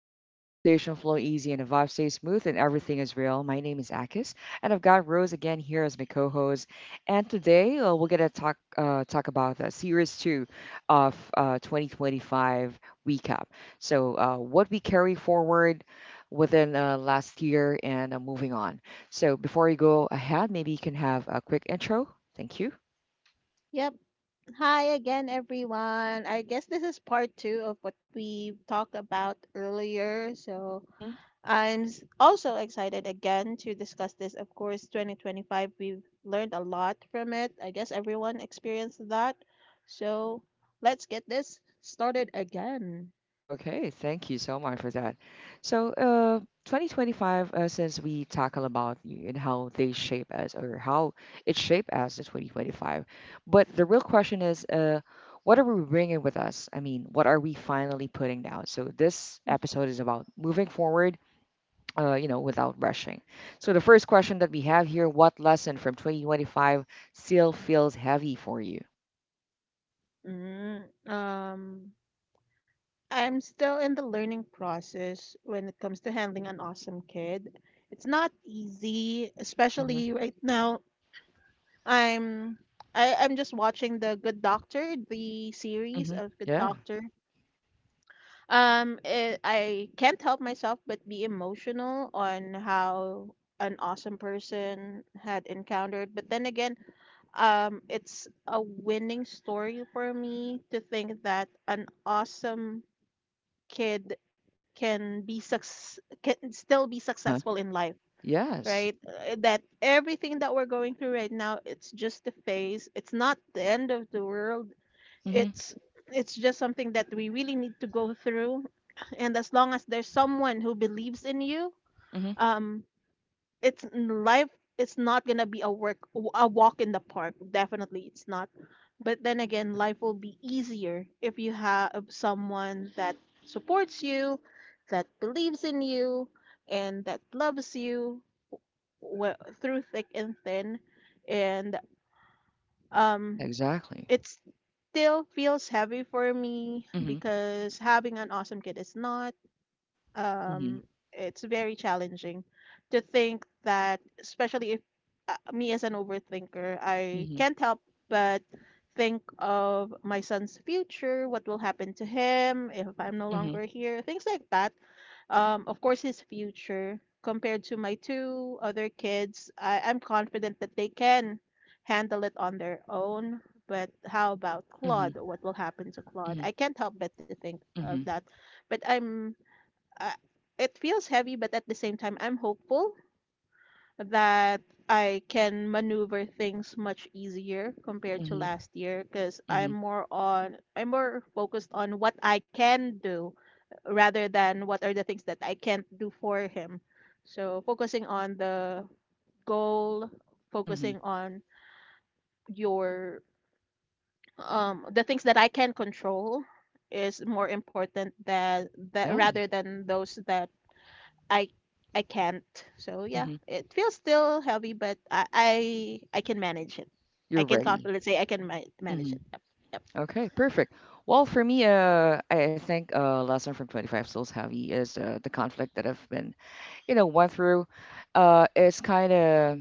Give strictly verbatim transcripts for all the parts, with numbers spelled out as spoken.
zone where conversation flow easy and the vibe stays smooth and everything is real. My name is Akis, and I've got Rose again here as my co-host. And today uh, we're gonna talk uh, talk about the series two of uh, twenty twenty-five recap. So uh, what we carry forward within uh, last year and uh, moving on. So before you go ahead, maybe you can have a quick intro. Thank you. Yep. Hi again, everyone. I guess this is part two of what we talked about earlier. So I'm s- also excited again to discuss this. Of course, twenty twenty-five, we've learned a lot from it. I guess everyone experienced that. So let's get this started again. Okay, thank you so much for that. So, uh, twenty twenty-five, uh, since we tackle about y- and how they shape us or how it shaped us in twenty twenty-five, but the real question is, uh, what are we bringing with us? I mean, what are we finally putting down? So this episode is about moving forward, uh, you know, without rushing. So the first question that we have here, what lesson from twenty twenty-five still feels heavy for you? Mm, um, I'm still in the learning process when it comes to handling an awesome kid. It's not easy, especially Hmm. right now. I'm I, I'm just watching the Good Doctor, the series Hmm. of Good Yeah. Doctor. Um, it, I can't help myself but be emotional on how an awesome person had encountered. But then again, um, it's a winning story for me to think that an awesome kid can be suc can still be Uh-huh. successful in life, Yes. right? Uh, That everything that we're going through right now, it's just a phase. It's not the end of the world. Mm-hmm. It's it's just something that we really need to go through. And as long as there's someone who believes in you, um, it's life. It's not gonna be a work a walk in the park. Definitely, it's not. But then again, life will be easier if you have someone that supports you, that believes in you, and that loves you well, through thick and thin, and um, Yeah, exactly. it still feels heavy for me Mhm. because having an awesome kid is not. Um, Mhm. it's very challenging to think that, especially if, uh, me as an overthinker, I Mhm. can't help but think of my son's future, what will happen to him if I'm no Mhm. longer here, things like that. Um, of course, his future compared to my two other kids. I, I'm confident that they can handle it on their own. But how about Mhm. Claude? What will happen to Claude? Mhm. I can't help but to think of Mhm. that. But I'm, uh, it feels heavy, but at the same time, I'm hopeful that I can maneuver things much easier compared to Mhm. last year because I'm Mhm. more on I'm more focused on what I can do rather than what are the things that I can't do for him. So focusing on the goal, focusing Mhm. on your um the things that I can control is more important than that Yeah. rather than those that I I can't. So yeah, Mhm. it feels still heavy, but I I, I can manage it. I You're can ready. confidently say I can ma- manage Mhm. it. Yep. Yep. Okay, perfect. Well, for me, uh, I I think uh, lesson from twenty-five Souls Heavy is uh, the conflict that I've been, you know, went through. Uh, it's kind of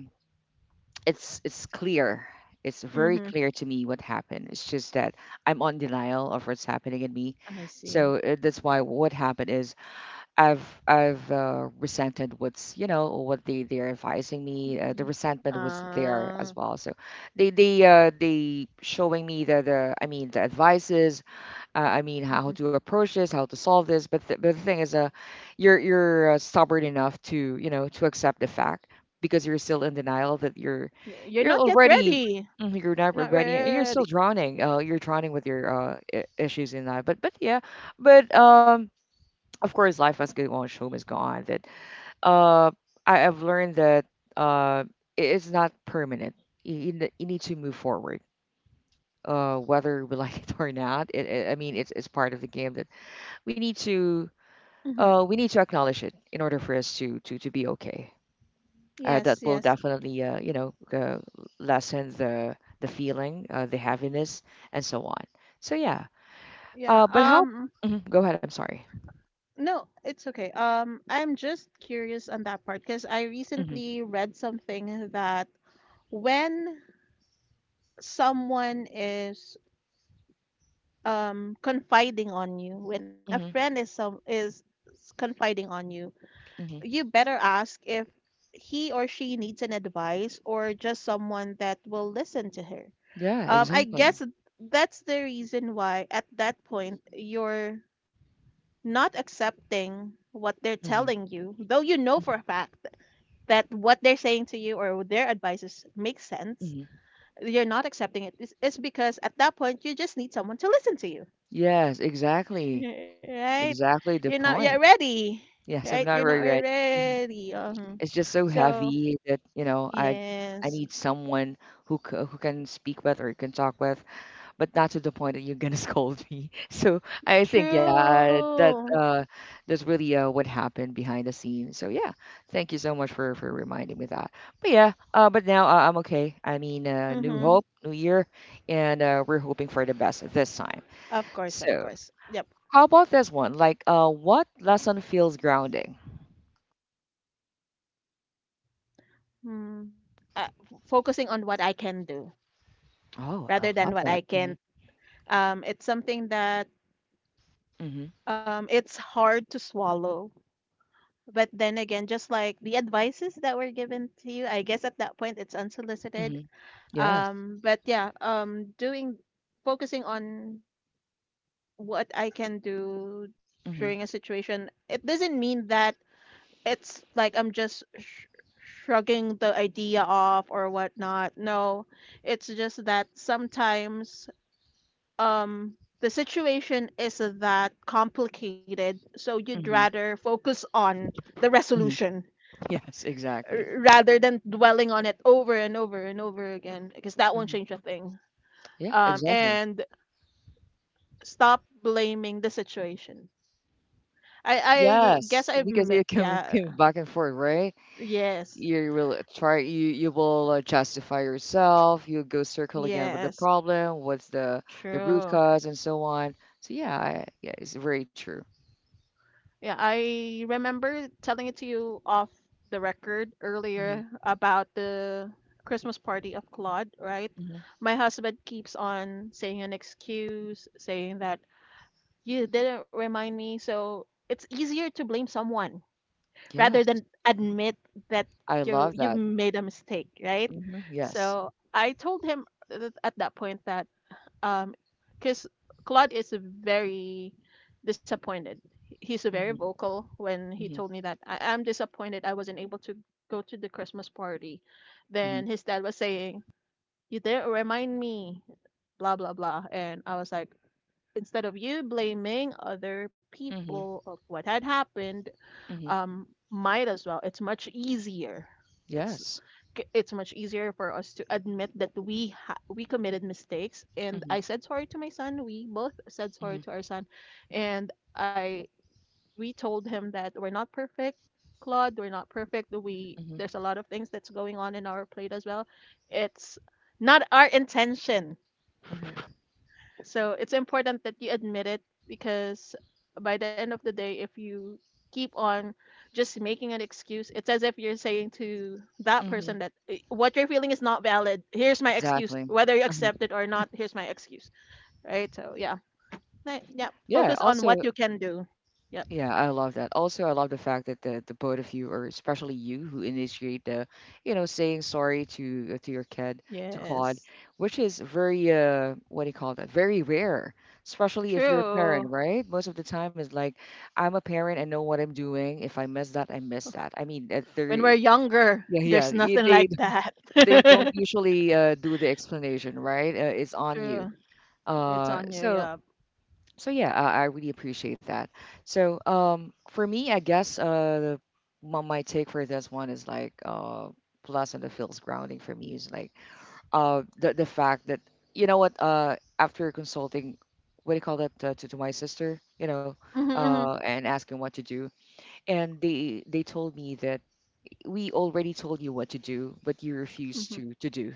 it's it's clear. It's very Mm-hmm. clear to me what happened. It's just that I'm on denial of what's happening in me. I So see. uh, that's why what happened is I've I've uh, resented what's you know what they they're advising me. Uh, the Mm. resentment was there as Uh, well. So they they uh, they showing me the the I mean the advices. Uh, I mean how mhm. to approach this, how to solve this. But the, but the thing is, uh, you're you're uh, stubborn enough to you know to accept the fact because you're still in denial that you're Y- You're you're not yet already ready. mhm, you're not You're not ready and you're still ready. drowning. Uh, you're drowning with your uh, i- issues in that. But but yeah, but um of course life must go on show must go on that uh I have learned that uh it is not permanent you, you ne- you need to move forward uh whether we like it or not it, it, I mean it's, it's part of the game that we need to Hmm. uh we need to acknowledge it in order for us to to to be okay, uh, that Yes, will yes. definitely uh you know uh, lessen the the feeling, uh, the heaviness and so on. So yeah, uh Yeah. but how Um, Mhm, go ahead, I'm sorry. No, it's okay. Um, I'm just curious on that part because I Hmm. recently read something that when someone is um confiding on you, when a Hmm. friend is some is s- confiding on you, you Hmm. better ask if he or she needs an advice or just someone that will listen to her. Yeah, Um, I exactly. guess that's the reason why at that point you're not accepting what they're telling you, though you know for Mhm. a fact that what they're saying to you or their advices makes sense. Mhm. You're not accepting it, is it's because at that point you just need someone to listen to you. Yes, exactly. Right? Exactly the You're not point. yet ready. Yes, I'm Right, not you're not really yet ready. Mhm. ready. um It's just so So heavy that, you know, I I yes, need someone who c who can speak with or can talk with, but not to the point that you're gonna scold me. So I think yeah, uh, that true. uh that's really uh what happened behind the scenes. So yeah, thank you so much for for reminding me that. But yeah, uh but now uh, I'm okay. I mean, uh, new Mm-hmm. hope, new year, and uh, we're hoping for the best this time. Of course, of So. course, yep. How about this one? Like, uh, what lesson feels grounding? Mm. Uh, f- focusing on what I can do Oh, I rather than love what that. I Hmm. can't. Um it's something that, Hmm. um it's hard to swallow, but then again, just like the advices that were given to you, I guess at that point it's unsolicited. Hmm. Yes. Um, but yeah, um, doing Focusing on what I can do Hmm. during a situation, it doesn't mean that it's like I'm just sh shrugging the idea off or whatnot. No, it's just that sometimes, um, the situation is that complicated, so you'd Hmm. rather focus on the Hmm. resolution Yes, exactly. r- rather than dwelling on it over and over and over again because that won't Hmm. change a thing. Yeah, Um, exactly. And stop blaming the situation. I I guess Yes, I'm because it can Yeah. come back and forth, right? Yes, You will try. You you will uh, justify yourself. You go circle again with the yes, problem. What's the the root true. cause and so on. So yeah, I, yeah, it's very true. Yeah, I remember telling it to you off the record Hmm. earlier about the Christmas party of Claude, right. Hmm. My husband keeps on saying an excuse, saying that you didn't remind me, so it's easier to blame someone rather Yes, than admit that I you love you that. made a mistake, right? Hmm. Yes. So I told him th- at that point that, um, because Claude is very disappointed. He's very Hmm. vocal when he told Hmm. me that I am disappointed. I wasn't able to go to the Christmas party. Hmm. Then his dad was saying, "You didn't remind me," blah blah blah, and I was like, instead of you blaming other Mhm, people of what had happened, mhm. um might as well, it's much easier, it's Yes. k- it's much easier for us to admit that we ha- we committed mistakes. And Mhm, I said sorry to my son. We both said sorry mhm, to our son, and I we told him that we're not perfect. Claude, we're not perfect. We mhm, There's a lot of things that's going on in our plate as well. It's not our intention. mhm, So it's important that you admit it, because by the end of the day, if you keep on just making an excuse, it's as if you're saying to that person mhm. that, "Eh, what you're feeling is not valid. Here's my excuse. Exactly. Whether you Uh-huh. accept it or not, here's my excuse." Right? So, yeah. Right. Yeah, Yeah, focus on what also you can do. Yep. yeah, I love that. Also, I love the fact that the, the both of you, or especially you, who initiate the, you know, saying sorry to uh, to your kid, to Claude, Yes. which is very uh, what do you call that? Very rare, especially if you're a parent, True. right? Most of the time, it's like I'm a parent and know what I'm doing. If I miss that, I miss that. I mean, at When we're thirty, younger, yeah, yeah, there's you- nothing they like that. they don't usually uh, do the explanation, right? Uh, it's on you. True. It's Uh, on you. so Yeah. so yeah, I, I really appreciate that. So um, for me, I guess uh, my, my take for this one is like uh, plus and the feels grounding for me is like uh, the the fact that you know what uh, after consulting, what do you call that uh, to to my sister, you know, Mm-hmm, uh, mm-hmm, and asking what to do, and they they told me that we already told you what to do, but you refuse mm-hmm. to to do.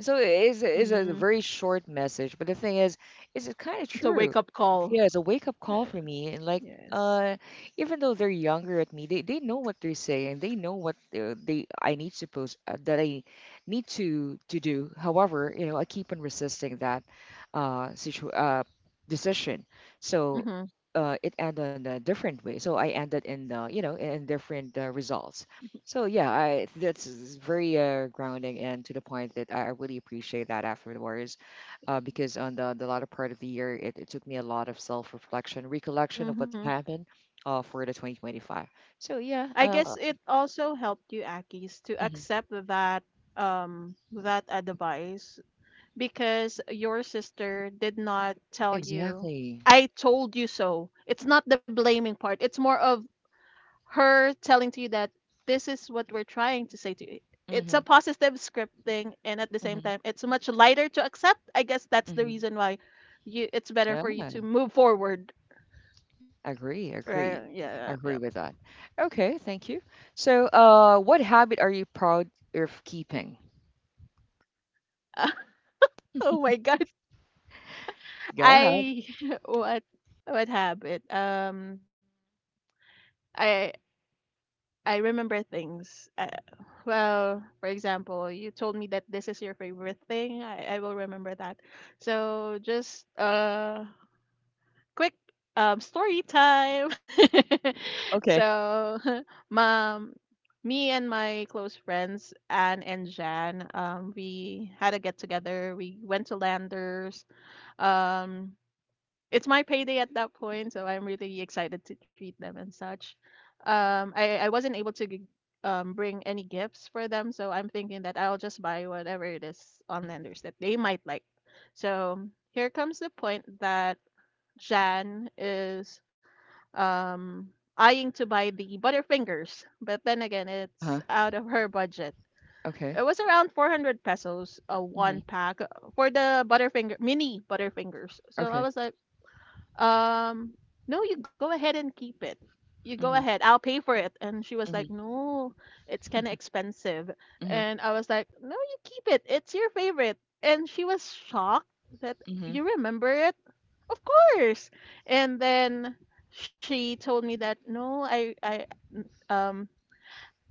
So it's, it's a Mm-hmm. very short message, but the thing is, it's kind of It's a true. wake up call. Yeah, it's a wake up call Yeah. for me. And like, Yes. uh, even though they're younger at me, they, they know what they're saying. They know what they, they I need suppose uh, that I need to to do. However, you know, I keep on resisting that uh situ uh decision. So Mm-hmm. uh, it ended on a different way. So I ended in uh, you know in different uh, results. So yeah, I that's very uh, grounding and to the point that I I really appreciate that afterwards, uh, because on the, the latter part of the year, it, it took me a lot of self reflection, recollection of what Mm-hmm. happened uh, for the twenty twenty-five. So, yeah, I guess uh, it also helped you, Akis, to mhm, accept that um that advice, because your sister did not tell you, exactly. I told you so. It's not the blaming part. It's more of her telling to you that this is what we're trying to say to you. It's a Hmm. positive scripting and at the same Hmm. time it's much lighter to accept. I guess that's the Hmm. reason why you it's better Yeah, for you to move forward. agree, Right? agree. Yeah, I yeah. agree with that. Okay, thank you. So, uh, what habit are you proud of keeping? Yeah. Oh my god. Go ahead. I what what habit? Um I I remember things. Uh, well, for example, you told me that this is your favorite thing. I, I will remember that. So just uh quick um story time. Okay. So mom, me and my close friends Anne and Jan, um we had a get together. We went to Landers. Um it's my payday at that point, so I'm really excited to treat them and such. Um, I I wasn't able to g- um bring any gifts for them, so I'm thinking that I'll just buy whatever it is on Hmm. Lenders that they might like. So here comes the point that Jan is um eyeing to buy the Butterfingers, but then again, it's Uh-huh. out of her budget. It Okay. was around four hundred pesos a one Hmm. pack, uh, for the Butterfinger mini Butterfingers. So I Okay. was like, um no, you go ahead and keep it you go Hmm. ahead, I'll pay for it. And she was like, Hmm. no, it's kind of expensive. Hmm. And I was like, no, you keep it, it's your favorite. And she was shocked that Hmm. you remember it. Of course. And then she told me that no, i i um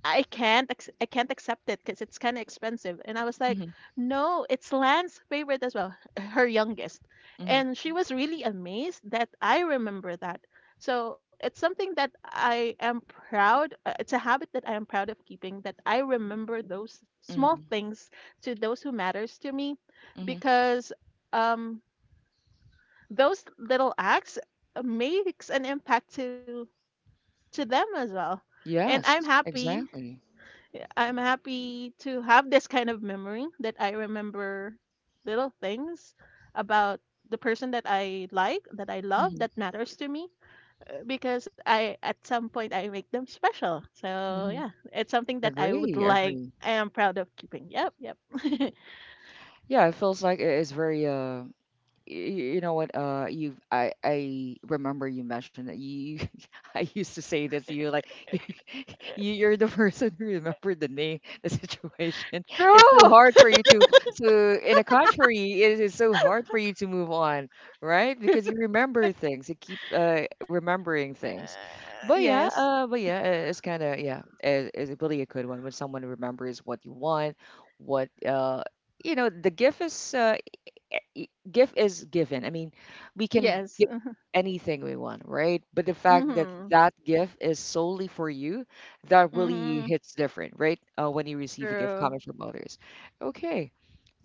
I can't ex- I can't accept it because it's kind of expensive. And I was like, Hmm. no, it's Lan's favorite as well, her youngest. Hmm. And she was really amazed that I remember that. So it's something that I am proud. Uh, it's a habit that I am proud of keeping. That I remember those small things to those who matters to me, Hmm. because, um, those little acts, uh, makes an impact to to them as well. And I'm Yes, happy. exactly. Yeah, I'm happy to have this kind of memory that I remember little things about the person that I like, that I love, that matters to me, uh, because I at some point I make them special. So, Hmm. yeah, it's something that I would Agree, like Agree. I am proud of keeping. Yep, yep. Yeah, it feels like it is very uh, y- you know what uh you I I remember you mentioned that you I used to say this you like you you- are the person who remembered the name the situation it's so True. hard for you to to in a contrary it is so hard for you to move on, right? Because you Uh, remember things, you keep uh remembering things. But yeah, yes. uh but yeah, uh, it's kind of yeah it, it's really a good one when someone remembers what you want, what uh you know the gift is, uh, eh, y- gift is given. I mean, we can Yes. give anything we want, right? But the fact that Mhm. that gift is solely for you, that really Mhm. hits different, right? Uh, when you receive a gift True. coming from others. Okay,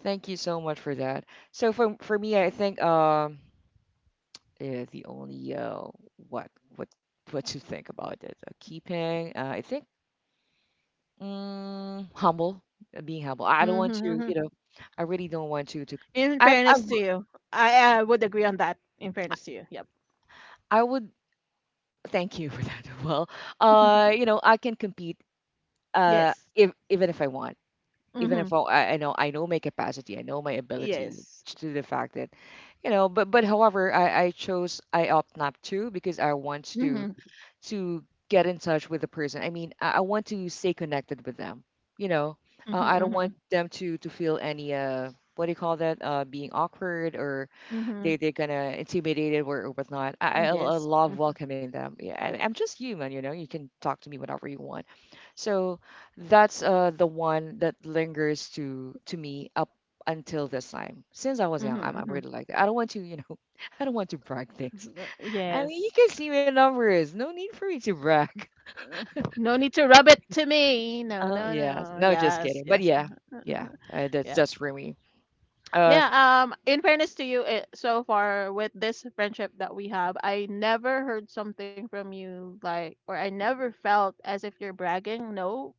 thank you so much for that. So for for me, I think um, eh, the only uh, what what what to think about it, uh, keeping. Uh, I think mm, humble, uh, being humble. I don't want to, you Mhm. know, I really don't want to to. In I'm, I'm fairness to you, I, I would agree on that. In fairness to you. Yep. I would Thank you for that. Well, uh, you know, I can compete uh Yes. if, even if I want. Even Mhm. if I, I I know I know my capacity, I know my ability Yes. to the fact that, you know, but but however, I, I chose I opt not to because I want to Mhm. to get in touch with the person. I mean, I, I want to stay connected with them. You know, Mhm. uh, I don't Mhm. want them to to feel any uh what do you call that? Uh, being awkward or they Mhm. they're gonna intimidate it or, or whatnot. I, I Mm, I yes. love Mhm. welcoming them. Yeah, I, I'm just human, you know. You can talk to me whenever you want. So that's uh the one that lingers to to me up until this time. Since I was young, I'm I'm Mhm. really like that. I don't want to, you know, I don't want to brag things. Mhm. Uh, I mean, you yes. can see my numbers. No need for me to brag. Uh, no need to rub it to me. No, Uh, no, yeah, no. no, just Yes, kidding. But yes. yeah, yeah, uh, that's Yep. that's for me. Uh, Yeah, um in fairness to you, eh, so far with this friendship that we have, I never heard something from you like, or I never felt as if you're bragging. No.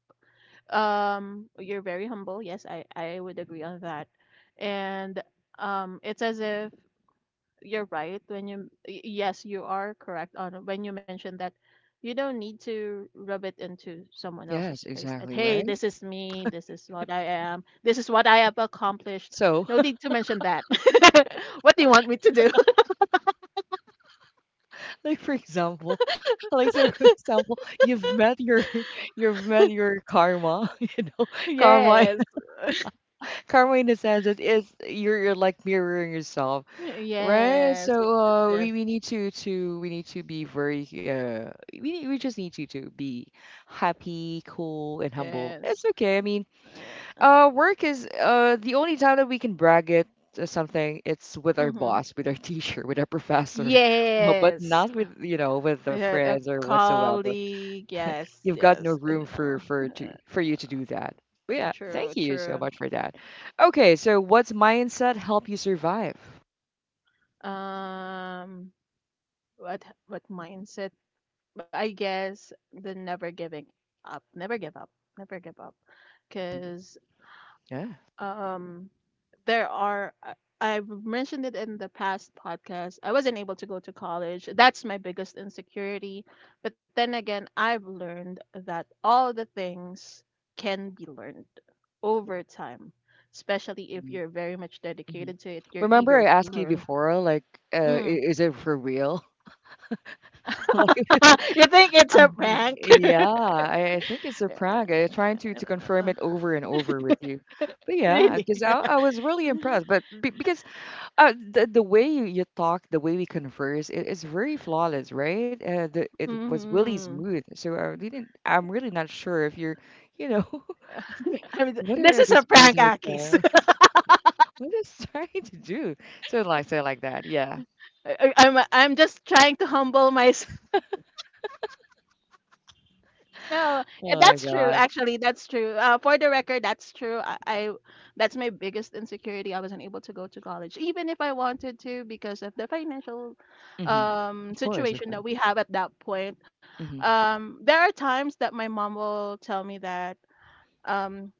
Um you're very humble. Yes, I I would agree on that. And um it's as if you're right when you y- yes, you are correct on when you mentioned that you don't need to rub it into someone yes, else's face that, exactly hey, right. this is me, this is what I am, this is what I have accomplished. So. No need to mention that. What do you want me to do? Like for example, like so for example, you've met your you've met your karma, you know, karma Yes, karma in the sense that it's you're, you're like mirroring yourself, right? yes, So yes, uh, yes, we, we need to to we need to be very uh we need, we just need to to be happy, cool, and humble. yes. It's okay. I mean, uh, work is uh the only time that we can brag it or something. It's with our Mm-hmm. boss, with our teacher, with our professor, uh, but Yes, not with you know with the yeah, a friends or whatsoever. colleague, yes, You've got yes. no Uh, room uh, for for to for you to do uh, that. But yeah, true, thank you so true. much for that. Okay, so what's mindset help you survive? Um, what what mindset? I guess the never giving up, never give up, never give up, because Yeah. um, there are. I- I've mentioned it in the past podcast. I wasn't able to go to college. That's my biggest insecurity. But then again, I've learned that all the things can be learned over time, especially if you're very much Mm-hmm. dedicated to it, you're Remember I eager to asked you learn. before, like, uh, i- Mm. is it for real? Like. You think it's Uh, a y- prank? yeah, I, I think it's a Yeah, prank. I'm trying to, I to don't confirm know. it over and over with you. But yeah, Really? because I, I was really impressed. But be, because uh, the, the way you, you talk, the way we converse, it is very flawless, right? Uh, the, it was really Mhm. smooth. So I didn't, I'm really not sure if you're, you know, I'm what this are is a this prank, person is Akis. trying, what is trying to do? So like, say like that. Yeah. I I'm I'm just trying to humble myself. No, Oh eh, my that's true. God. Actually, that's true. Uh, for the record, that's true. I, I that's my biggest insecurity. I wasn't able to go to college, even if I wanted to, because of the financial Hmm um Of course, of situation course. that we have at that point. Hmm Um, there are times that my mom will tell me that um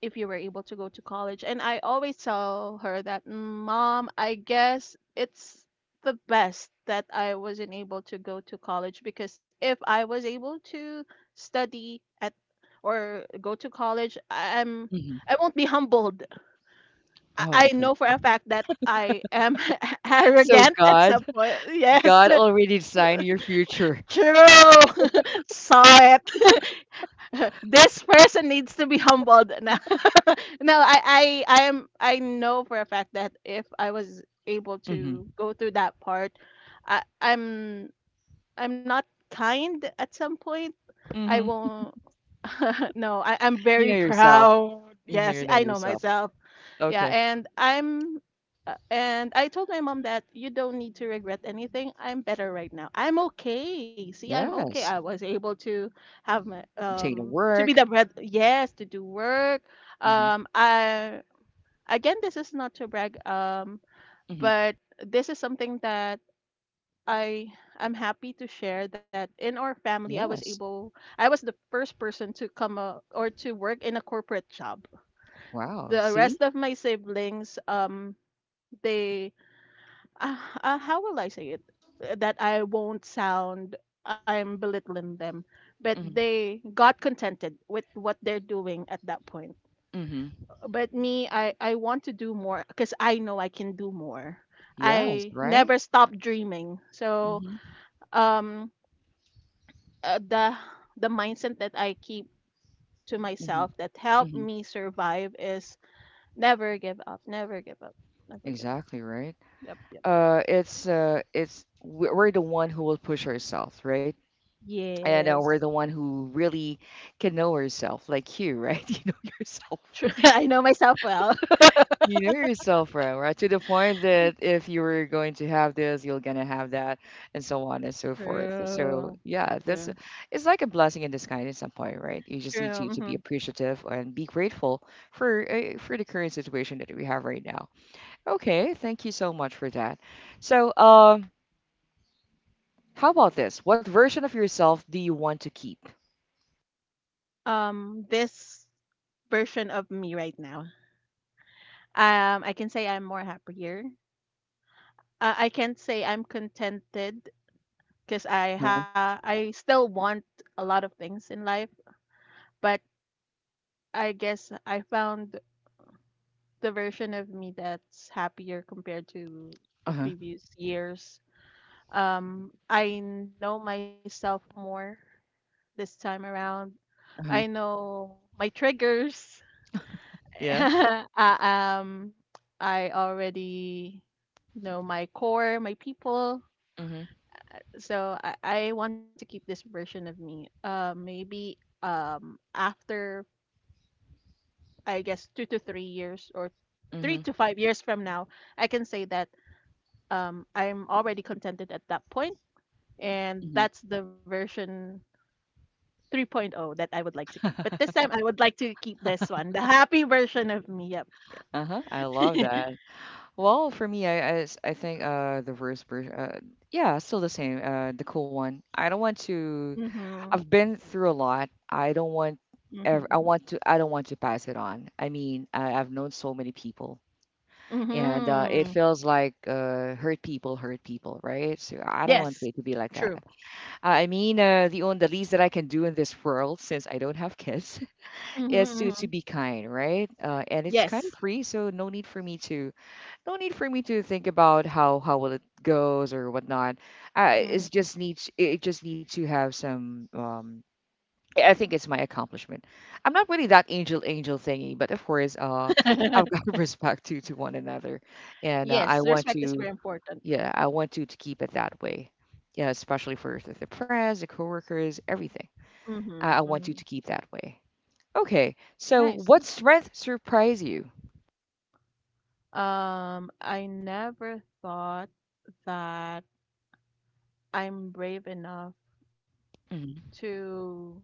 if you were able to go to college. And I always tell her that, "Mm, Mom, I guess it's the best that I wasn't able to go to college because if I was able to study at or go to college, I- I'm hmm I won't be humbled. Oh, I I okay. know for a fact that I am So arrogant at God some point. Yes, God already designed your future. true. Saw it. this person needs to be humbled. No, no I, I, I am. I know for a fact that if I was able Hmm to go through that part, I, I'm, I'm not kind at some point. I hmm won't. No, I, I'm You very know yourself. proud. Hmm You Yes, know I know yourself. myself. Yeah, Okay. and I'm uh, and I told my mom that you don't need to regret anything. I'm better right now. I'm okay. See, I'm okay. I Yes. was able to have my Obtain a um to be work. the bread, yes, to do work. Hmm Um I, again this is not to brag, um hmm but this is something that I I'm happy to share that in our family I was Yes. able I was the first person to come uh, or to work in a corporate job. Wow. The See? rest of my siblings um they uh, uh, how will I say it, uh, that I won't sound I'm belittling them, but Hmm they got contented with what they're doing at that point. hmm But me, I I want to do more because I know I can do more. Yes. I Right. never stop dreaming. So hmm um uh, the the mindset that I keep to hmm myself that helped hmm me survive is never give up, never give up, never give up. Exactly. Right. Yep, yep. Uh, it's uh, it's we- we're the one who will push ourselves, right? And uh, Yes. we're the one who really can know ourselves, like you, right? You know yourself. True. I know myself well. You know yourself, bro, right? To the point that if you were going to have this, you're gonna have that, and so on and so forth. So True, yeah, true, that's it's like a blessing in disguise in some point, right? You just need to, true. to Hmm. be appreciative and be grateful for uh, for the current situation that we have right now. Okay, thank you so much for that. So um, how about this? What version of yourself do you want to keep? Um, this version of me right now. Um, I can say I'm more happier. Uh, I can't say I'm contented because I Huh? ha I still want a lot of things in life, but I guess I found the version of me that's happier compared to Uh the huh. previous years. Um, I know myself more this time around. Uh I huh. know my triggers. Yeah. uh, um, I already know my core, my people. Mhm. So I, I want to keep this version of me. Uh, maybe um, after, I guess, two to three years or three Mhm. to five years from now, I can say that um, I'm already contented at that point, and Mhm. that's the version 3.0 that I would like to keep. But this time, I would like to keep this one, the happy version of me. Yep. Uh huh. I love that. Well, for me, I, I, s- I think uh the worst version, uh, yeah, still the same. Uh, the cool one. I don't want to. Mm-hmm. I've been through a lot. I don't want. ev- Mhm, I mhm. want to. I don't want to pass it on. I mean, I, I've known so many people, and uh, it Mhm. feels like uh, hurt people hurt people, right? So I don't want Yes, it to be like that. true. I mean, uh, the only the least that I can do in this world, since I don't have kids, Mhm, is to to mhm. be kind, right? Uh, and it's kind of Yes. free, so no need for me to no need for me to think about how how will it goes or whatnot. I it's Mhm. just needs it just needs to have some um I think it's my accomplishment. I'm not really that angel angel thingy, but of course, uh, I've got respect to to one another, and uh, I Yes, want respect is very to important. yeah I want to to keep it that way. Yeah, especially for the the friends, the coworkers, everything. Mhm, I, I want mhm. you to keep that way. Okay, so Nice, what nice. strength surprised you? Um, I never thought that I'm brave enough Hmm to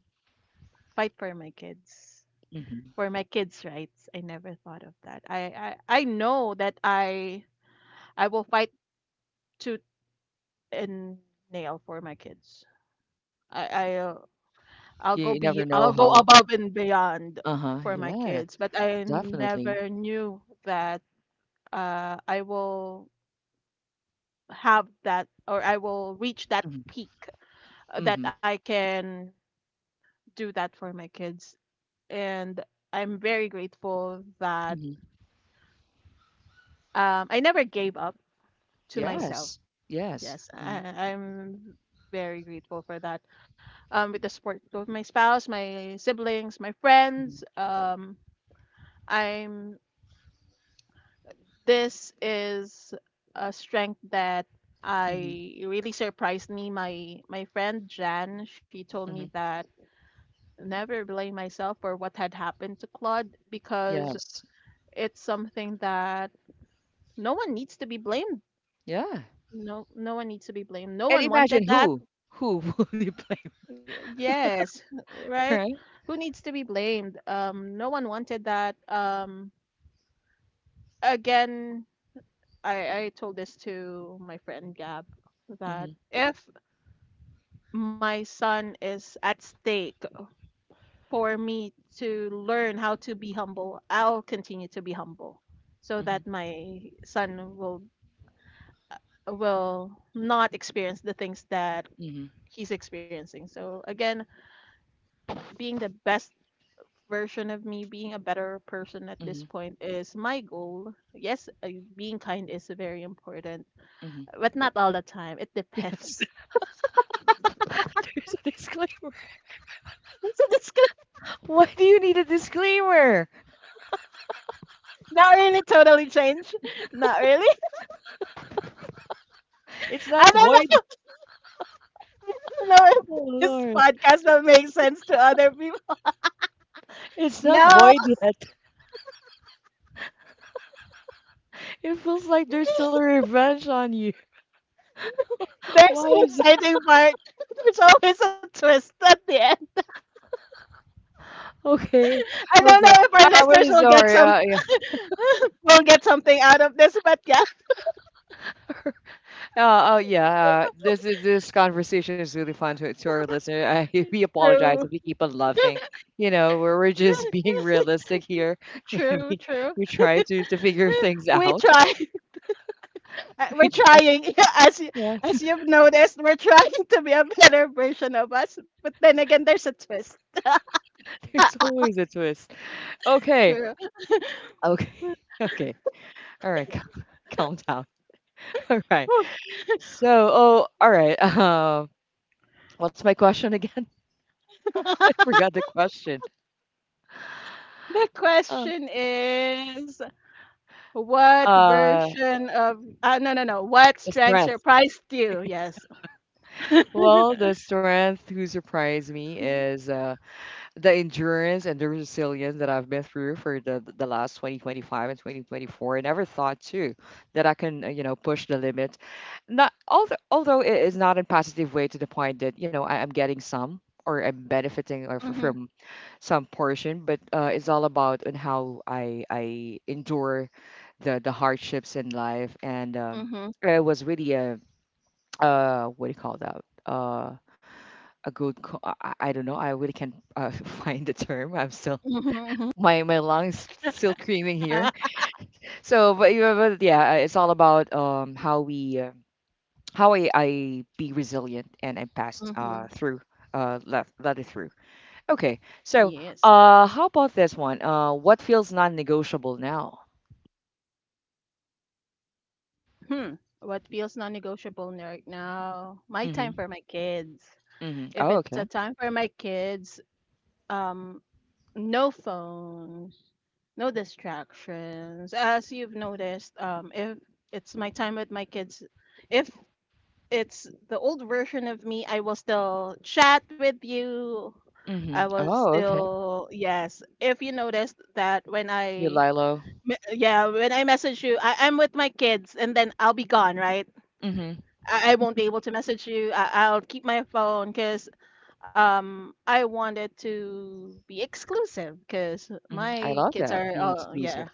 fight for my kids, hmm for my kids' rights. I never thought of that. I, I, I know that I I will fight tooth and nail for my kids. I, I uh, I'll You go never be know I'll go how. above and beyond Uh-huh. for my Yeah, kids, but I definitely. never knew that uh, I will have that or I will reach that Hmm peak uh, hmm that I can do that for my kids. And I'm very grateful that hmm um, I never gave up to myself. Yes. Yes. Yes, hmm I, I'm very grateful for that. Um, with the support of my spouse, my siblings, my friends, hmm um, I'm this is a strength that hmm I it really surprised me. My my friend Jan, she told me hmm that never blame myself for what had happened to Claude because Yes. it's something that no one needs to be blamed. Yeah. No, no one needs to be blamed. No And one imagine wanted that. who who will you blame, Y- Yes, right? right? Who needs to be blamed? Um, no one wanted that. Um, again, I I told this to my friend Gab that hmm if my son is at stake for me to learn how to be humble, I'll continue to be humble so hmm that my son will will not experience the things that hmm he's experiencing. So again, being the best version of me, being a better person at this hmm point is my goal. Yes, uh, being kind is very important, hmm but not all the time. It Yes. depends. There's a disclaimer. So this could Why do you need a disclaimer? not really totally change. Not really. It's not I don't void. know. Don't know if Oh this Lord, podcast will make sense to other people. it's not No, void yet. It feels like there's still a revenge on you. there's Why an is that? exciting part. There's always a twist at the end. Okay, I don't know okay. if I- our I'm listeners really will get sorry. some Uh, yeah. will get something out of this, but yeah, Uh, oh yeah, uh, this is this conversation is really fun to to our listener. I we true. apologize if we keep on laughing. You know, we're we're just being realistic here, and True, we true. we try to to figure things We out. try. Uh, we're We try, trying. As you, yeah. as you've noticed, we're trying to be a better version of us. But then again, there's a twist. There's always a twist. Okay, True. okay, okay. All right, calm, calm down. All right. So, oh, all right. Um, what's my question again? I The forgot the question. Uh, question is what uh, version of uh, no no no. What the strength strength. surprised you? Yes. Well, the strength who surprised me is uh, the endurance and the resilience that I've been through for the the last twenty twenty-five and two thousand twenty-four. I never thought too that I can, uh, you know, push the limit. Not although Although it is not in positive way to the point that, you know, I, I'm getting some or I'm benefiting or f- Mhm. from some portion, but uh, it's all about on how I I endure the the hardships in life and um, Mhm. it was really a uh what do you call that? Uh, a good co- I, I I don't know, I really can't uh, find the term. I'm still, Mhm. my my lungs still screaming Mhm. here. Mhm. So but, yeah, but yeah, uh, it's all about um how we uh, how I, I be resilient and I pass uh through. Uh let, let it through. Okay, so Yes. uh how about this one? Uh what feels non-negotiable now? Mhm. What feels non-negotiable n- right now? My time Mm-hmm. for my kids. Mm-hmm, oh If it's a okay. time for my kids, um, no phones, no distractions. As you've noticed, um, if it's my time with my kids, if it's the old version of me. I will still chat with you. I Mm-hmm, will oh okay. still yes. If you noticed that when You I lilo. me- yeah, when I message you, I, I'm with my kids and then I'll be gone, right? Mm-hmm, I, I won't be able to message you. I, I'll keep my phone because um I wanted to be exclusive because mm-hmm. I my love kids that, are, being oh yeah. exclusive.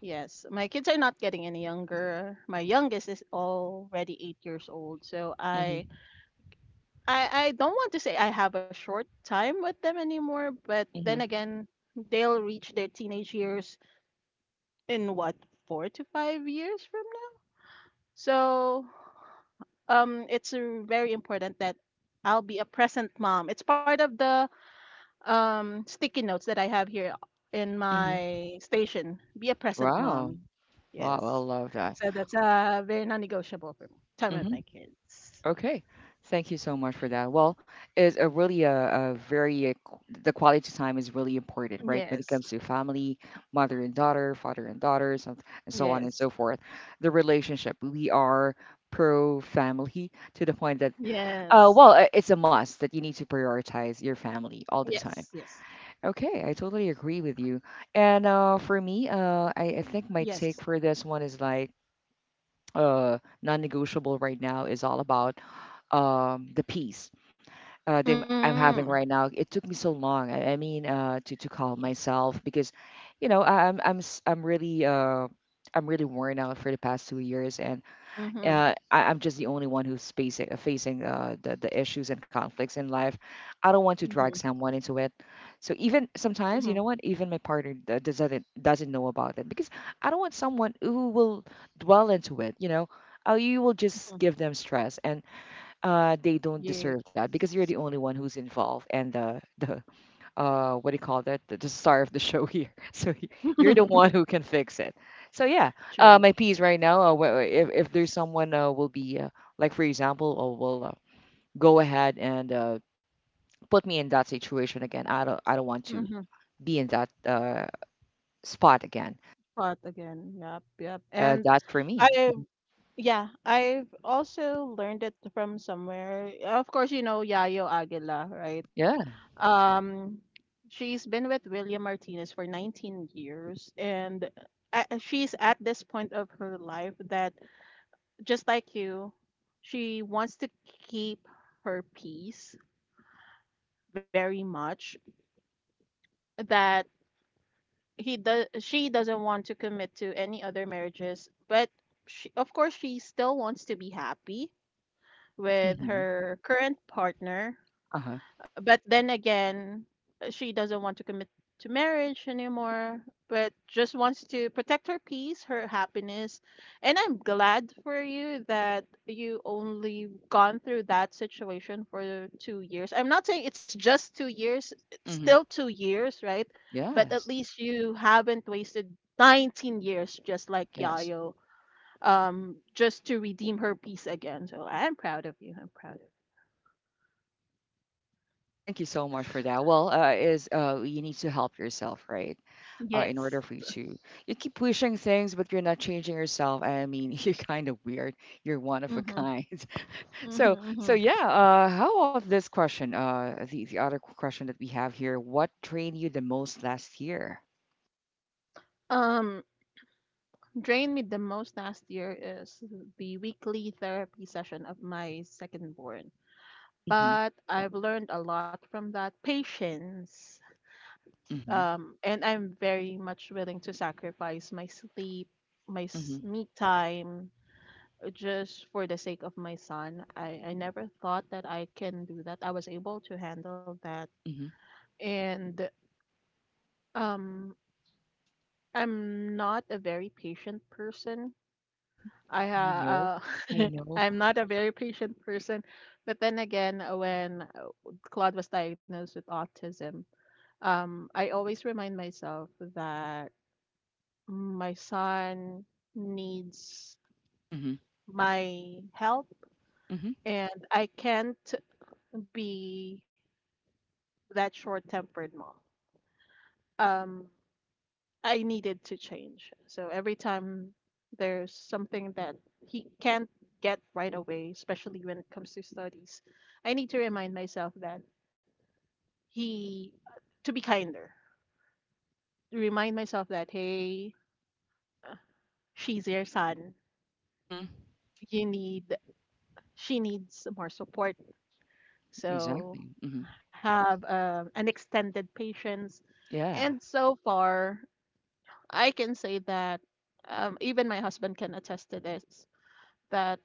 Yes, my kids are not getting any younger. My youngest is already eight years old, so Mm-hmm. I I I don't want to say I have a short time with them anymore, but then Mm-hmm. again, they'll reach their teenage years in what, four to five years from now? So, um, it's uh, very important that I'll be a present mom. It's part of the um sticky notes that I have here in Mm-hmm. my station. Be a present Wow. mom. Wow, I Yes. love that. So that's uh very non-negotiable for me. Time Hmm with my kids. Okay, thank you so much for that. Well, it's a really a, a very uh, qu- the quality time is really important, right? When it Yes. comes to family, mother and daughter, father and daughter, so, and so on and so Yes. forth. The relationship, we are pro family to the point that uh Yes. well uh, it's a must that you need to prioritize your family all the Yes, time. yes, Okay, I totally agree with you. And uh for me uh i, I think my take yes. for this one is like, uh, non-negotiable right now is all about um, the peace uh, that I'm Mm. having right now. It Yes, took me so long. I, I mean, uh, to to calm yes. myself because, you know, I, I'm I'm s- I'm really uh, I'm really worn out for the past two years, and Mhm, uh, I, I'm just the only one who's facing uh, facing uh, the the issues and conflicts in life. I don't want to mhm, drag someone into it. So even sometimes, you mhm, know what? Even my partner d- doesn't doesn't know about it, because I don't want someone who will dwell into it. You know, uh, you will just mhm. give them stress, and uh, they don't Yes. deserve that because you're the only one who's involved and the the uh what do you call that, the, the star of the show here, so y- you're the one who can fix it. So yeah, uh my True, piece true. right now, uh, wh- if, if there's someone uh, will be uh, like for example uh, will uh, go ahead and uh, put me in that situation again, i don't I don't want to Mhm. be in that uh spot again. Pot again. Yep, yep. Uh And that's for me. I, Mhm. yeah, I've also learned it from somewhere. Of course, you know Yayo Aguila, right? Yeah. Um, she's been with William Martinez for nineteen years, and uh, she's at this point of her life that just like you, she wants to keep her peace very much that he does she doesn't want to commit to any other marriages, but she, of course she still wants to be happy with hmm her current partner. uh-huh. Uh, But then again, uh, she doesn't want to commit to marriage anymore, but just wants to protect her peace, her happiness. And I'm glad for you that you only gone through that situation for two years. I'm not saying it's just two years, it's hmm still two years, right? But at yes. least you haven't wasted nineteen years just like Yes. Yayo, um, just to redeem her peace again. So I'm proud of you. I'm proud of Thank you so much for that. Well uh is uh you need to help yourself, right? you. Uh, in Yes. order for you to, you keep pushing things but you're not changing yourself. I mean, you're kind of weird, you're one of a Mm-hmm. kind. so so Mm-hmm. yeah, uh how about this question? Uh the, the other question that we have here: what trained you the most last year? Um, drained me the most last year is the weekly therapy session of my second born. Mm-hmm. But I've learned a lot from that patience. Mm-hmm. Um, and I'm very much willing to sacrifice my sleep, my Mm-hmm. s- me time, uh, just for the sake of my son. I, I never thought that I can do that. I was able to handle that. Mm-hmm. And um, I'm not a very patient person I You ha know, I uh, know. I'm not a very patient person, but then again, uh, when uh, Claude was diagnosed with autism, um, I always remind myself that my son needs Mm-hmm. my help, Mm-hmm. and I can't be that short-tempered mom. Um, I needed to change. So every time there's something that he can't get right away, especially when it comes to studies, I need to remind myself that he, to be kinder, remind myself that, hey, she's your son. Mm-hmm. You need, she needs more support. So Exactly. Mm-hmm. have um, an extended patience. Yeah. And so far, I can say that um, even my husband can attest to this that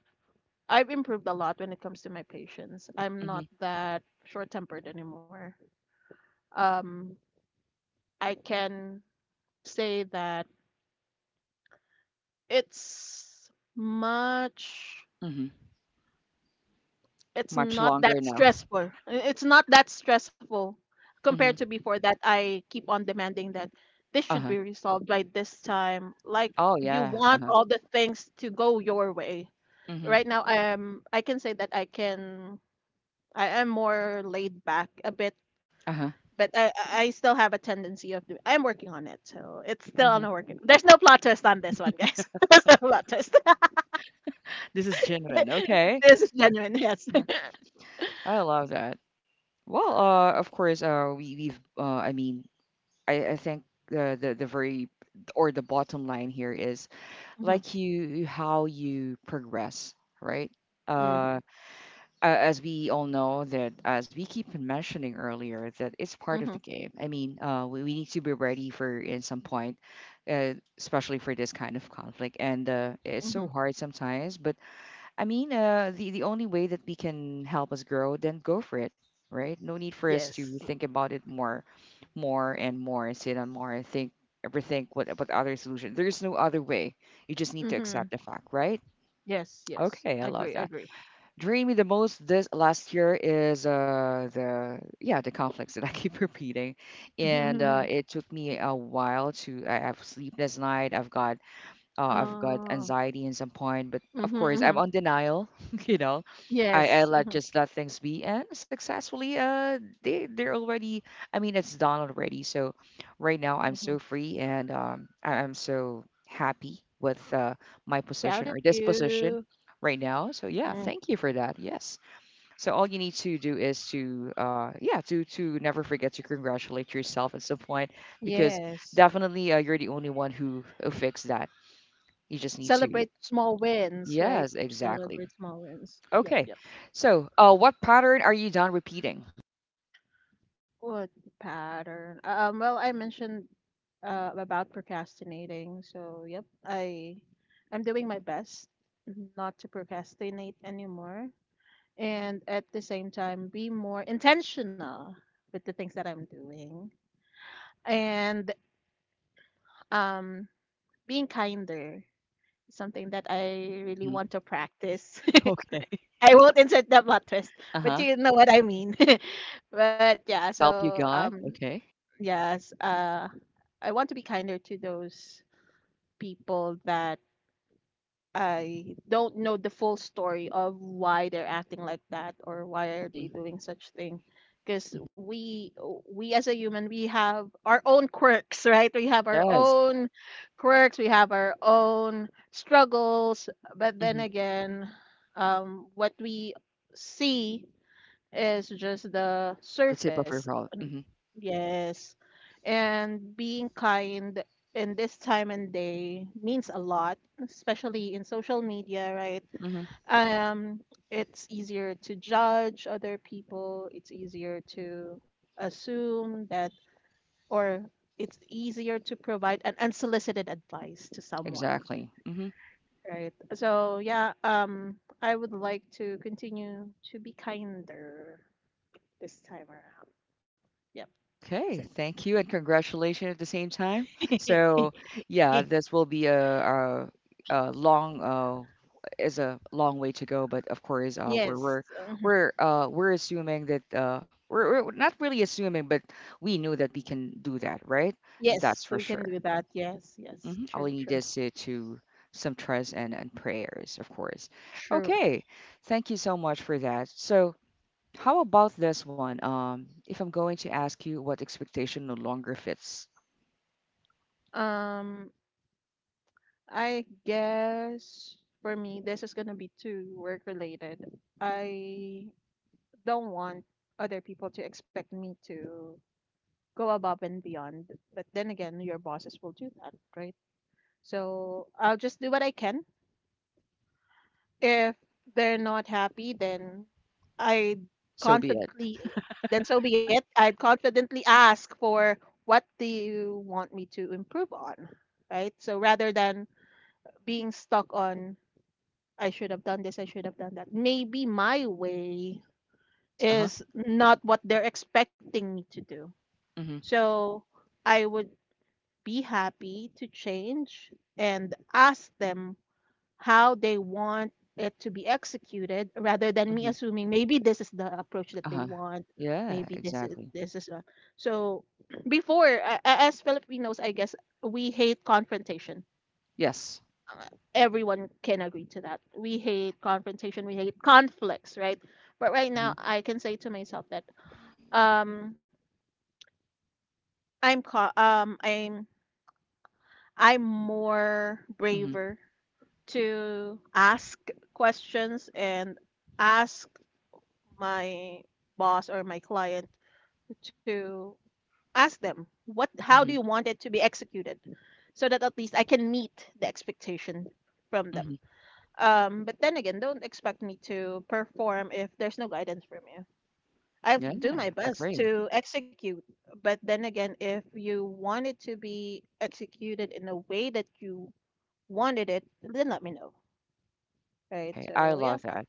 I've improved a lot when it comes to my patience. I'm Mm-hmm. not that short tempered anymore. Um, I can say that it's much, Mm-hmm. it's Much not longer that now. stressful. It's not that stressful compared Mm-hmm. to before that I keep on demanding that this should Uh-huh. be resolved by this time. Like Oh you yeah. want Uh-huh. all the things to go your way. Mm-hmm. Right now, I'm. I can say that I can, I am more laid back a bit Uh-huh. but I I I still have a tendency of doing. I'm working on it, so it's still on a Mm-hmm. working. There's no plot twist on this one, guys. There's no plot twist. This is genuine, okay. This is genuine. Yes. I love that. Well, uh, of course, uh, we we've uh, I mean, I I think the the the very or the bottom line here is hmm like, you, how you progress, right? hmm Uh, a- as we all know that, as we keep on mentioning earlier, that it's part hmm of the game. I mean, uh, we, we need to be ready for, in some point, uh, especially for this kind of conflict, and uh, it's so hmm hard sometimes, but I mean, uh, the the only way that we can help us grow, then go for it, right? No need for us Yes. to think about it more, more and more, and sit on more, and think, overthink, what what other solution. There is no other way. You just need to accept hmm the fact, right? Yes. Yes. Okay, I love Agree. that. Agree. Drew me the most this last year is uh the yeah, the conflicts that I keep repeating, and Mm-hmm. uh, it took me a while to. I have sleepless night. I've got uh, I've got Uh, anxiety in some point, but hmm of course I'm hmm on denial. you know, I, I Yes. let just let things be, and successfully, uh, they they're already. I mean, it's done already. So right now I'm hmm so free, and um, I, I'm so happy with uh, my Proud position of or this position you. right now. So yeah, Hmm thank you for that. Yes. So all you need to do is to uh, yeah to to never forget to congratulate yourself at some point, because Yes. definitely uh, you're the only one who, who fixed that. You just need Celebrate to. small wins, right? Yes, Celebrate exactly. small wins. Yep. Yep. Okay. So, uh, what pattern are you done repeating? What pattern? Uh, Um, well, I mentioned uh, about procrastinating. So, yep, I I'm doing my best not to procrastinate anymore and at the same time be more intentional with the things that I'm doing and um being kinder is something that I really Hmm want to practice. Okay. I won't insert the plot twist, but Uh-huh. you know what I mean. But yeah, So help so you God. um Okay. yes, uh I want to be kinder to those people that I don't know the full story of why they're acting like that or why are they hmm doing such thing. Because we we as a human we have our own quirks, right? We have our Yes. own quirks, we have our own struggles. But then hmm again, um, what we see is just the The tip of your surface. problem. Hmm Yes. And being kind in this time and day means a lot, especially in social media, right? hmm Um, it's easier to judge other people, it's easier to assume that, or it's easier to provide an unsolicited advice to someone, Exactly. hmm right? So, yeah, um, I would like to continue to be kinder this time around. Yep, that's it. Okay, That's it. thank you and congratulations at the same time. So, yeah, this will be a, a, a long, uh, is a long way to go, but of course, uh, we're Yes. we're Mhm. we're uh, we're assuming that uh, we're, we're not really assuming, but we know that we can do that, right? Yes, That's so for we can sure. do that. Yes, yes. Hmm. All True, you need true. is to, to some trust and, and prayers, of course. True. Okay, thank you so much for that. So. How about this one? Um, if I'm going to ask you what expectation no longer fits, Um, I guess for me, this is gonna be too work related. I don't want other people to expect me to go above and beyond, but then again, your bosses will do that, right? So I'll just do what I can if they're not happy, then I'd so be it. confidently, then so be it. I'd confidently ask for what do you want me to improve on, right? So rather than being stuck on, I should have done this, I should have done that. Maybe my way Yes. Uh huh. is not what they're expecting me to do. Mhm. So I would be happy to change and ask them how they want it to be executed rather than Mhm. me assuming maybe this is the approach Uh that huh. they want Yeah. maybe this is Exactly. this is a... So before a- a- as Filipinos I guess we hate confrontation. Yes. Uh, Everyone can agree to that, we hate confrontation, we hate conflicts, right? But right Mhm. now I can say to myself that um i'm ca- um i'm i'm more Mhm. braver to ask questions and ask my boss or my client to ask them what how do Mhm. you want it to be executed so that at least I can meet the expectation from Mhm. them. Um, but then again, don't expect me to perform if there's no guidance from you. I'll Yeah. do my best Agree. to execute, but then again, if you want it to be executed in a way that you wanted it, then let me know. Right? Okay. I So love yeah, that.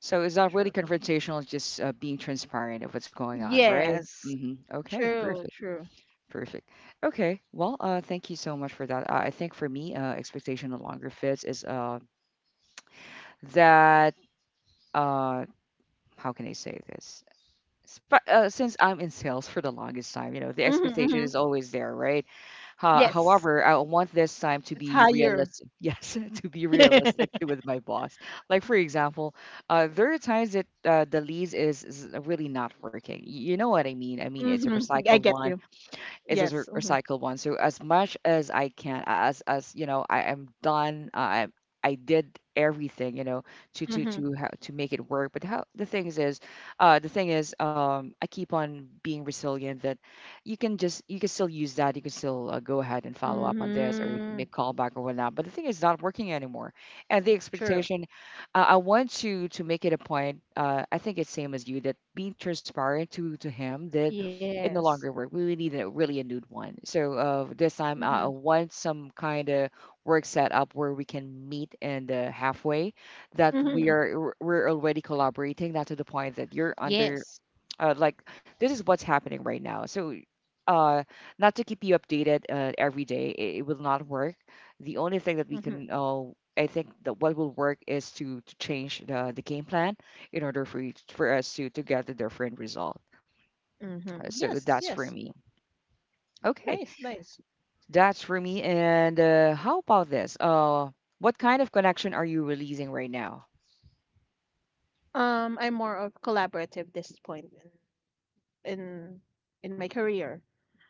So it's not really true. confrontational, it's just uh, being transparent of what's going on, right? Yes, Mhm. Okay. true, Perfect. true. Perfect. Okay. Well, uh, thank you so much for that. Uh, I think for me, uh, expectation no longer fits is, uh that, uh how can I say this? Sp- uh, since I'm in sales for the longest time, you know, the Mhm, expectation mhm. is always there, right? Ho- Yes, However, I want this time to it's be higher. realistic. Yes, to be realistic with my boss. Like for example, uh, there are times that uh, the lease is, is really not working. Y- You know what I mean? I mean, it's a Mhm, I get recycled you. one, is Yes. as re- Mhm. recycled one. So as much as I can, as as you know, I am done. Uh, I I did everything you know to to Mhm. to how to make it work. But how the things is, uh, the thing is, um, I keep on being resilient. That you can just you can still use that. You can still uh, go ahead and follow up on this or Mm, make callback or whatnot. But the thing is, not working anymore. And the true. expectation, uh, I want to to make it a point. Uh, I think it's same as you, that being transparent to to him that it no Yes. longer work. We really need a, really a new one. So, uh, this time Mhm. I I want some kind of work set up where we can meet, and uh, halfway, that we Mhm. are we're we're already collaborating. Not to the point that you're under, Yes. uh, like this is what's happening right now. So, uh, not to keep you updated, uh, every day, it, it will not work. The only thing that we Mhm. can, uh, I think that what will work is to, to change the, the game plan in order for each, for us to, to get the different result. Mhm. Uh, So Yes, that's for yes. me. Okay, Nice, nice. that's for me. And uh, how about this? Uh, what kind of connection are you releasing right now? Um, I'm more of collaborative this point in in in my career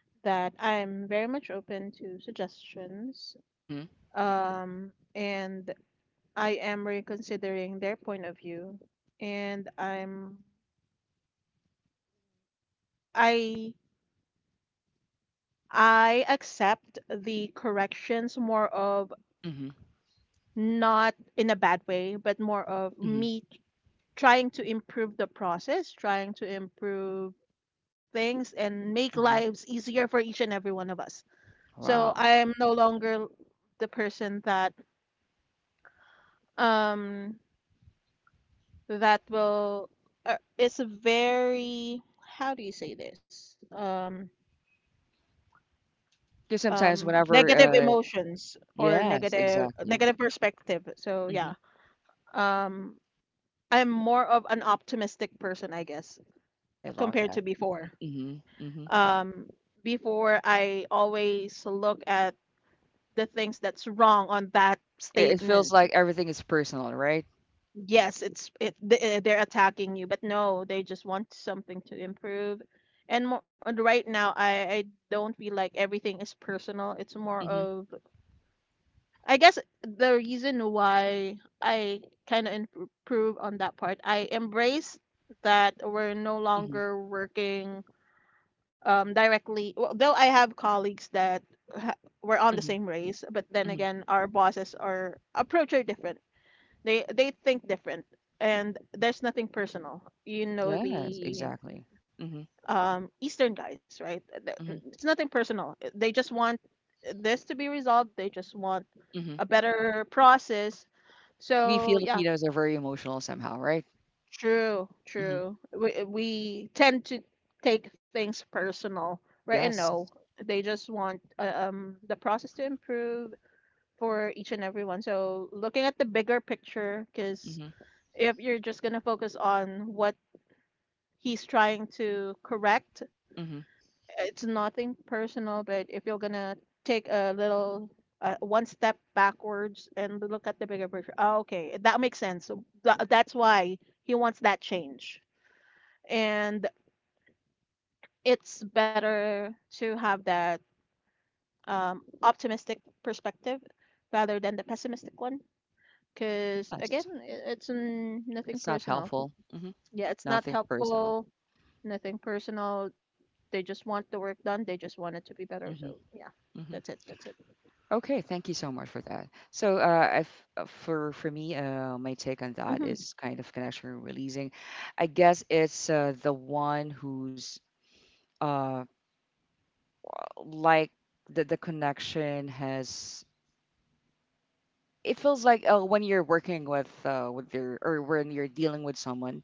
that I'm very much open to suggestions. Mm-hmm. Um, and I am reconsidering their point of view and I'm I I accept the corrections more of Mm-hmm. not in a bad way, but more of Mm-hmm. me trying to improve the process, trying to improve things and make Hmm. lives easier for each and every one of us. So I Wow. am no longer the person that um that will uh, is very how do you say this? Um Because sometimes um whenever, negative uh, emotions or yes, negative exactly. negative perspective. So Hmm. yeah. Um I'm more of an optimistic person, I guess, I love compared that. to before. Hmm. Hmm. Um, Before I always look at the things that's wrong on that It, it feels statement. like everything is personal, right? Yes, it's it th- eh, they're attacking you, but no, they just want something to improve. And more, and right now, I, I don't feel like everything is personal. It's more Hmm. of I guess the reason why I kind of improve on that part. I embrace that we're no Hmm. longer working um, directly. Well, though I have colleagues that ha- were on the Hmm. same race, but then Hmm. again, our bosses are approach are different. They they think different, and there's nothing personal. You know Yes, the exactly. Hmm. um, Eastern guys, right? Th- hmm. It's nothing personal. They just want this to be resolved. They just want Hmm. a better process. We So yeah, Filipinos are very emotional somehow, right? true, Hmm. true. We we tend to take things personal, right? And Yes. no, they just want uh, um the process to improve for each and everyone. So looking at the bigger picture, because Hmm. if you're just gonna focus on what he's trying to correct, Hmm. it's nothing personal. But if you're gonna take a little uh, one step backwards and look at the bigger picture, oh, okay, that makes sense. Th- that's why he wants that change and it's better to have that um, optimistic perspective rather than the pessimistic one. Because again, Yes. i- it's mm, nothing It's not personal. helpful. Mm-hmm. Yeah, it's not Nothing personal. helpful, nothing personal. They just want the work done. They just want it to be better. So Hmm. yeah, Hmm. that's it. That's it. Okay, thank you so much for that. So, uh, I've, uh, for for me, uh, my take on that Mm-hmm. is kind of connection and releasing. I guess it's uh, the one who's, uh, like, the the connection has. It feels like, uh, when you're working with, uh, with your, or when you're dealing with someone.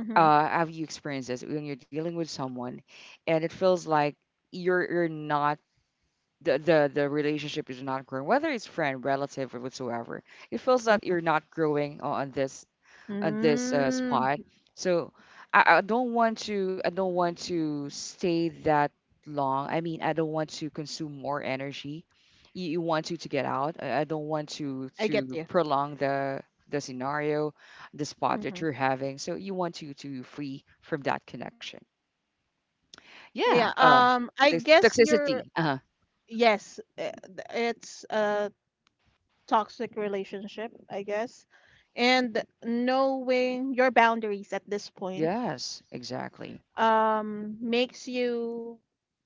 Mm-hmm. Uh, have you experienced this when you're dealing with someone, and it feels like you're you're not, the, the the relationship is not growing, whether it's friend, relative, or whatsoever. It feels that Mm-hmm. you're not growing on this, on this uh, Mm, spot. So I, I don't want to, I don't want to stay that long. I mean, I don't want to consume more energy. You, you want to to get out. I, I don't want to I get to you. prolong the the scenario, the spot that Mm-hmm. you're having. So you want to to free from that connection. Yeah. Yeah. Uh, Um. I the guess you're. toxicity. Uh huh. Yes. uh, th- It's a toxic relationship, I guess, and knowing your boundaries at this point Yes, exactly. um makes you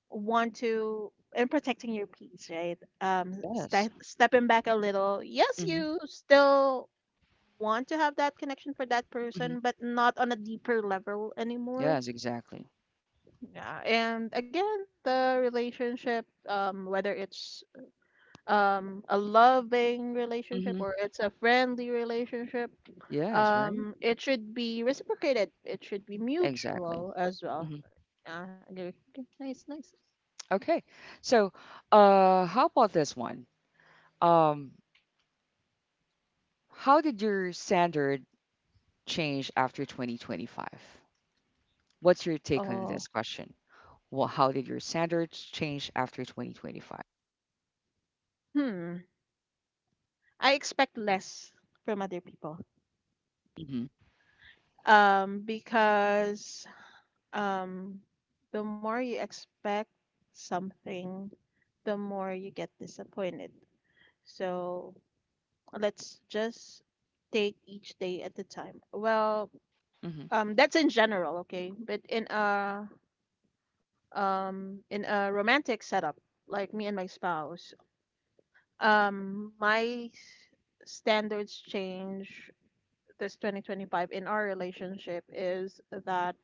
want to, and protecting your peace, right? um Yes. Ste- stepping back a little, yes, Hmm. you still want to have that connection for that Hmm. person but not on a deeper level anymore. Yes, exactly. Yeah, and again, the relationship, um whether it's um a loving relationship Hmm. or it's a friendly relationship, Yes, right? um it should be reciprocated, it should be Exactly. mutual as well. Hmm. Yeah, agree. Okay, nice, nice. Okay. So, uh, how about this one? Um, how did your standard change after twenty twenty-five? What's your take on this Oh. question? Well, how did your standards change after twenty twenty-five? hmm I expect less from other people Mm-hmm. um because um the more you expect something, the more you get disappointed. So let's just take each day at a time. Well, Mm-hmm. Um, that's in general, okay? But in a um in a romantic setup, like me and my spouse, um my s- standards change this twenty twenty-five. In our relationship is that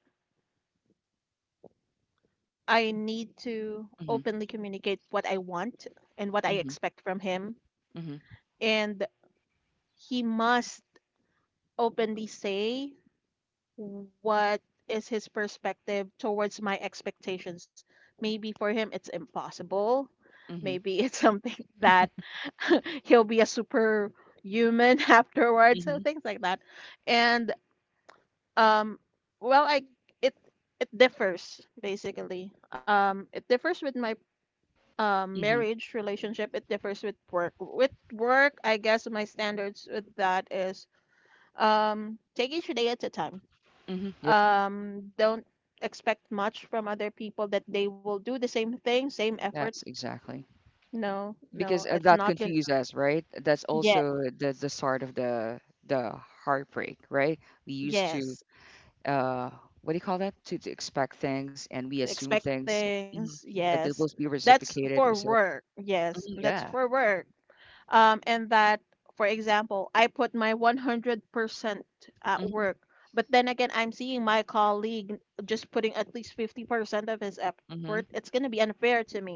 I need to Mm-hmm. openly communicate what I want and what I expect from him, Mm-hmm. and he must openly say what is his perspective towards my expectations. Maybe for him it's impossible. Mm-hmm. Maybe it's something Mm-hmm. that he'll be a superhuman afterwards, so Mm-hmm. things like that. And um, well, I it it differs basically. Um, it differs with my um, Mm-hmm. marriage relationship. It differs with work. With work, I guess my standards with that is um, take each day at a time, Mm-hmm. Yep. um don't expect much from other people that they will do the same thing same effort. Yes, exactly. No, no, Because uh, it's that not gonna confused us, right? That's yeah also the the start of the the heartbreak, right? We used to, yes uh what do you call that? To, to expect things and we assume expect things, mhm, things, that they yes, will be that's for reciprocated. We say, work, yes, "Mhm, that's yeah, for work. Um and that, for example, I put my one hundred percent at mm-hmm, work but then again I'm seeing my colleague just putting at least fifty percent of his effort. hmm, It's going to be unfair to me,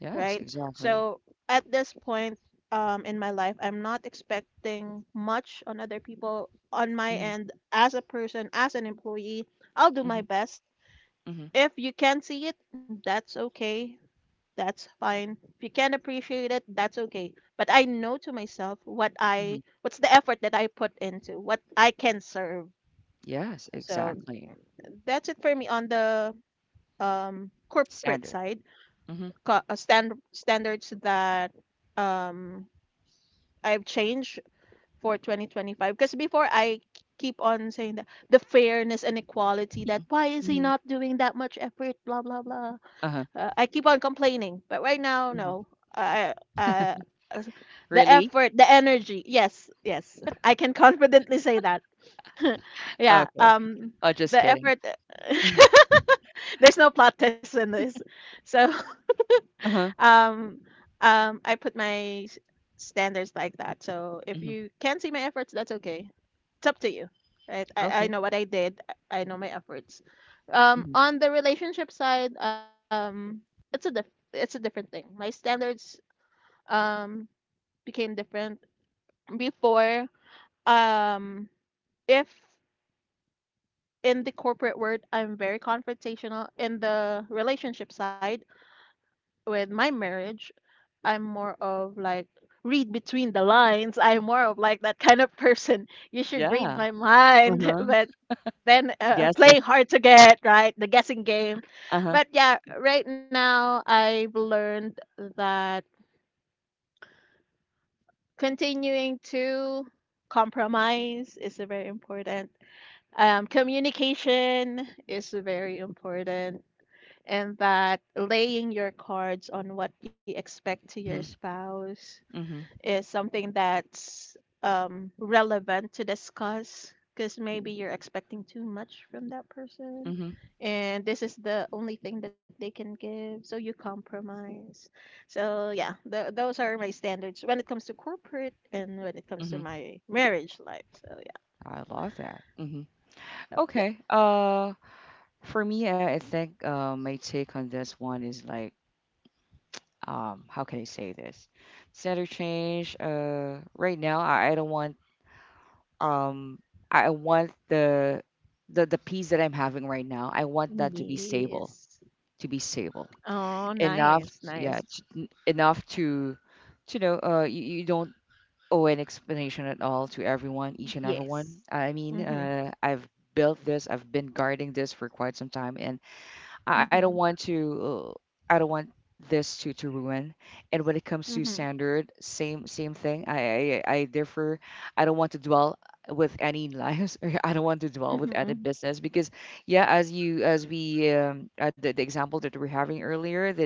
right? exactly, So at this point um, in my life, I'm not expecting much on other people. On my hmm, end, as a person, as an employee, I'll do hmm, my best. hmm, If you can see it, that's okay. That's fine. If you can appreciate it, that's okay. But I know to myself what hmm, I, what's the effort that I put into, what I can serve. yes, So exactly, that's it for me on the um, corporate standard, side. hmm, Co- uh, stand, standards that um I've changed for twenty twenty-five because before I keep on saying that the fairness and equality, that why is he hmm, not doing that much effort blah blah blah. uh-huh, uh, I keep on complaining but right now no. hmm, I uh, uh, the really? effort the energy, yes, yes, I can confidently say that yeah Okay, um oh, just the kidding, effort hmm, there's no plot test in this. So uh-huh, um um I put my s- standards like that, so if hmm, you can't see my efforts, that's okay. It's up to you, right? i, I okay, know what I did, i I know my efforts. um hmm, On the relationship side, um it's a diff- it's a different thing. My standards um became different before. um if in the corporate world I'm very confrontational, in the relationship side with my marriage I'm more of like read between the lines. I'm more of like that kind of person. You should read yeah, my mind, uh-huh." but then uh, Yes, yeah. playing hard to get, right? The guessing game. Uh-huh. But yeah, right now I've learned that continuing to compromise is very important. Um, communication is very important, and that laying your cards on what you expect to your Mhm. spouse Mhm. is something that's um, relevant to discuss, because maybe you're expecting too much from that person, Mhm. and this is the only thing that they can give, so you compromise. So yeah, th- those are my standards when it comes to corporate and when it comes to Mhm. my marriage life. So yeah, I love that. Mhm. yep, yep. Okay. Uh, for me, I, I think, uh, my take on this one is like, um, how can I say this? Center change. Uh, right now, I, I don't want. Um, I I want the the the peace that I'm having right now. I want that to be stable. Yes. To be stable Oh, enough. nice, Yeah, nice. t- n- enough to, to know. Uh, you, you don't, oh, an explanation at all to everyone, each and everyone. Yes. I mean, Mm-hmm. uh, I've built this, I've been guarding this for quite some time, and I, I don't want Mm-hmm. to, uh, I don't want this to to ruin. And when it comes to Mm-hmm. standard, same same thing. I I, I differ. I don't want to dwell with any lives or I don't want to dwell with any Mm-hmm. business, because yeah, as you as we, um uh, the, the example that we we're having earlier, that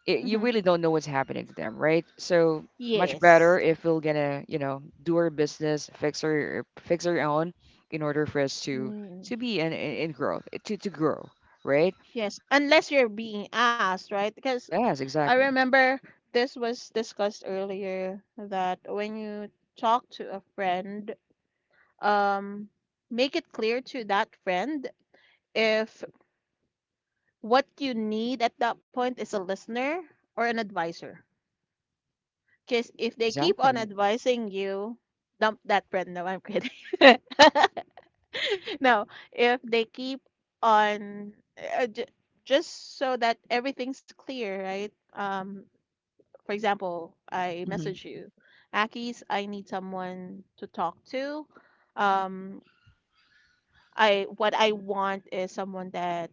it, Mm-hmm. you really don't know what's happening to them, right? So much Yes. better if we're gonna you know, do our business, fix our fix our own, in order for us to Mm, to be in in, in growth, to to grow, right? yes, unless you're being asked, right? Because Yes, I exactly, remember this was discussed earlier, that when you talk to a friend, um, make it clear to that friend if what you need at that point is a listener or an advisor. Because if they keep on exactly. advising you, dump that friend. No, I'm kidding. No, if they keep on uh, j- just so that everything's clear, right? Um, for example, I Hmm. message you, Akis, I need someone to talk to. Um, I What I want is someone that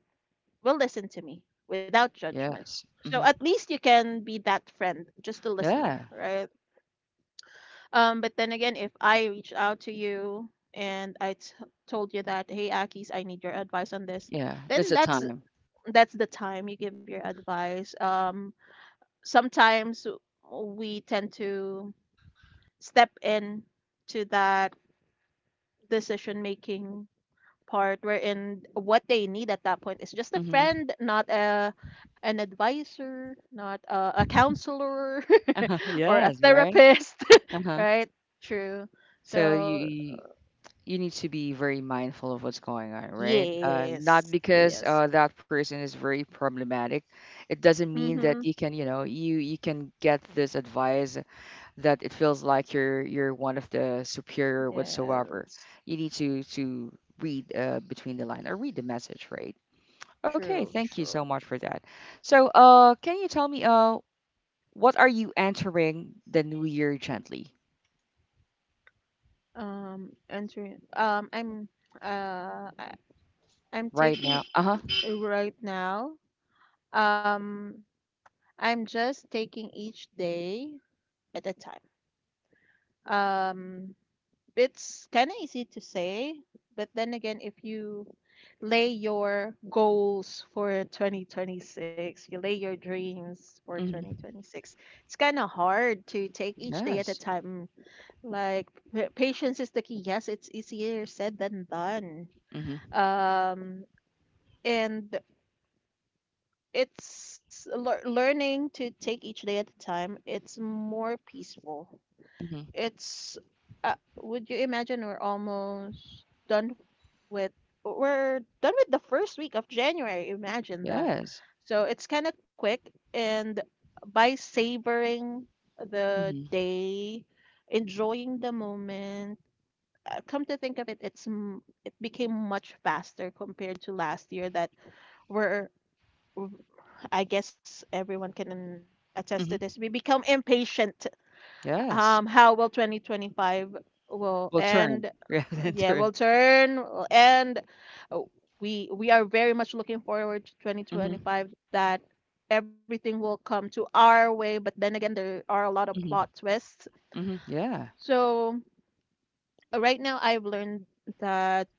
will listen to me without judgment. Yes. So Hmm. at least you can be that friend, just a listener, Yeah. right? Um, but then again, if I reached out to you and I t- told you that, hey, Akis, I need your advice on this, Yeah. then That's a that's time. that's the time you give your advice. Um, sometimes we tend to step in to that decision making part, wherein what they need at that point is just a Hmm. friend, not a an advisor, not a, a counselor or a Yes. Right. therapist, Uh huh. right? True. So So you, you need to be very mindful of what's going on, right? Uh, not yes, because uh, yes. that person is very problematic. It doesn't mean that Mm-hmm. you can, you know, you you can get this advice that it feels like you're you're one of the superior whatsoever. Yes. You need to to read, uh, between the line or read the message, right? Okay, True, thank you so true. much for that. So, uh, can you tell me, uh, what are you entering the new year gently Um, entering. Um, I'm. Uh, I, I'm right now? taking Uh huh. uh, right now. Um, I'm just taking each day at a time. Um, it's kind of easy to say, but then again, if you lay your goals for twenty twenty-six, you lay your dreams for Hmm. twenty twenty-six, it's kind of hard to take each day at a Yes. time. Like, pa- patience is the key. Yes, it's easier said than done. Mm-hmm. Um, and it's lear learning to take each day at a time. It's more peaceful. Mm-hmm. It's uh, would you imagine we're almost done with we're done with the first week of January. Imagine that. Yes. So it's kind of quick, and by savoring the Mhm. day, enjoying the moment, uh, come to think of it, it's m- it became much faster compared to last year. That we're I guess everyone can attest to Mhm. this. We become impatient. um Yes. How will twenty twenty-five will Will end? turn. Yeah, uh, then Yeah, will turn. turn, will end. Uh, we we are very much looking forward to Mhm. twenty twenty-five, that everything will come to our way, but then again, there are a lot of plot Mhm. twists. Mhm. Yeah. So uh, right now I've learned that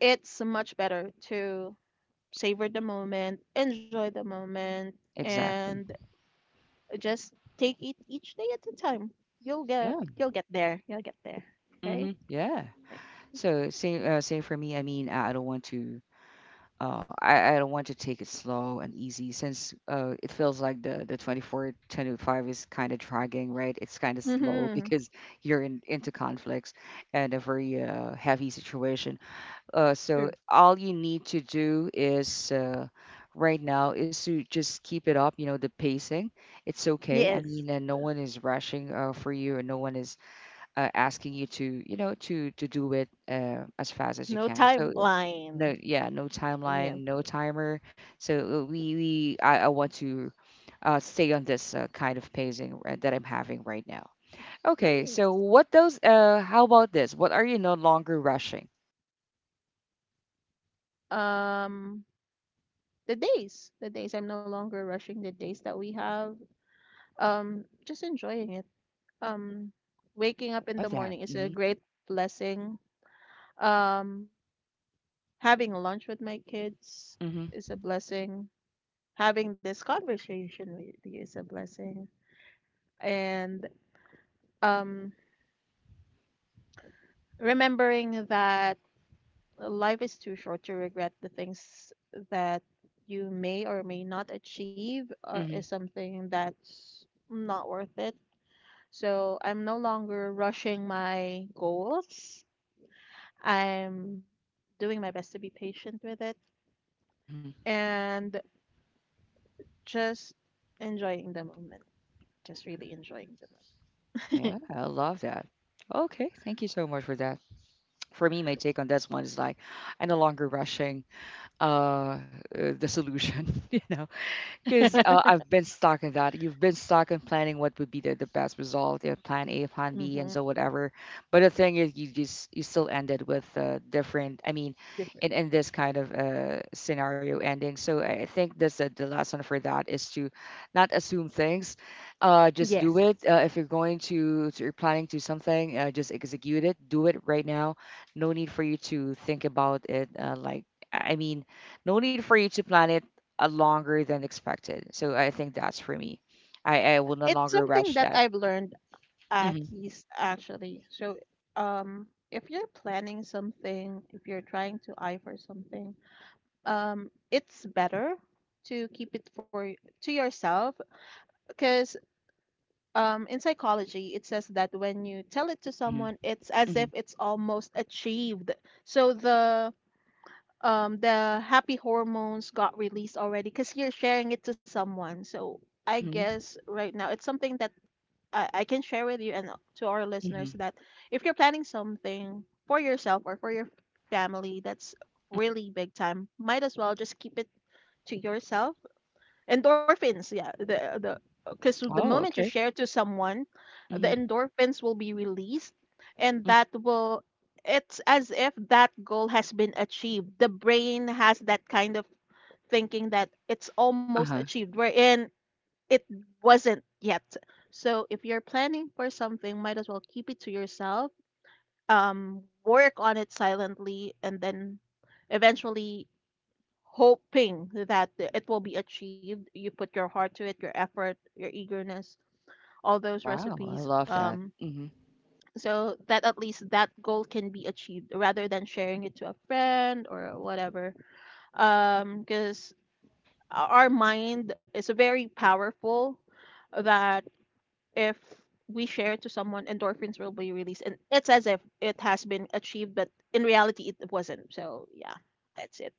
it's much better to savor the moment, enjoy the moment, and Exactly. just take it each day at a time. you'll get Yeah. You'll get there, you'll get there, right? Mhm. Yeah. So same, uh, same for me. I mean, I I don't want to uh I, I don't want to take it slow and easy, since uh it feels like the the twenty-four twenty-five is kind of dragging, right? It's kind of slow Mm-hmm. because you're in into conflicts and a very, uh, heavy situation. Uh, so True. all you need to do is, uh, right now, is to just keep it up. You know, the pacing. It's okay. Yeah. I mean, and no one is rushing, uh, for you, and no one is, uh, asking you to, you know, to to do it, uh, as fast as you No can. So, uh, timeline. no, yeah, no Yeah. timeline, no timer. So, uh, we we I, I want to, uh, stay on this, uh, kind of pacing, uh, that I'm having right now. Okay, so Nice. what those? Uh, how about this? What are you no longer rushing? Um, the days, the days. I'm no longer rushing the days that we have. Um, just enjoying it. Um, Waking up in Love the that. morning is a great blessing. Um, Having lunch with my kids Mhm. is a blessing. Having this conversation with you is a blessing. And um, remembering that life is too short to regret the things that you may or may not achieve, or is Mhm. something that's not worth it. So I'm no longer rushing my goals. I'm doing my best to be patient with it, Mhm. and just enjoying the moment. Just really enjoying the Yeah, I love that. Okay, thank you so much for that. For me, my take on this one is like, I'm no longer rushing, uh, uh the solution. you know, Because moment. uh, I've been stuck in that. You've been stuck in planning what would be the, the best result, you plan A, plan B, and Hmm. so whatever. But the thing is, you just you still ended with, uh, different. I mean, in Different. in this kind of, uh, scenario ending. So I I think this uh, the lesson for that is to not assume things. Uh, just Yes. do it. Uh, if you're going to, to you're planning to something, uh, just execute it. Do it right now. No need for you to think about it. Uh, like, I mean, no need for you to plan it, uh, longer than expected. So I think that's for me. I, I will no It's longer something rush that that. I've learned uh, Mm-hmm. keys actually. So, um, if you're planning something, if you're trying to eye for something, um, it's better to keep it for y- to yourself, because um, in psychology it says that when you tell it to Mm-hmm. someone, it's as Mm-hmm. if it's almost achieved. So the um, the happy hormones got released already, because you're sharing it to someone. So I Mm-hmm. guess right now it's something that I, I can share with you and to our listeners, Mm-hmm. that if you're planning something for yourself or for your family that's really big time, might as well just keep it to yourself. Endorphins, yeah, the the because the Oh, moment you okay. share to someone, the Mm-hmm. endorphins will be released, and that will it's as if that goal has been achieved. The brain has that kind of thinking that it's almost Uh-huh. achieved. Wherein it wasn't yet. So if you're planning for something, might as well keep it to yourself. Um, work on it silently, and then eventually, hoping that it will be achieved. You put your heart to it, your effort, your eagerness, all those Wow, I recipes. love that. Um, Mm-hmm. So that at least that goal can be achieved rather than sharing it to a friend or whatever. Um, because our mind is very powerful that if we share to someone, endorphins will be released, and it's as if it has been achieved, but in reality, it wasn't. So yeah, that's it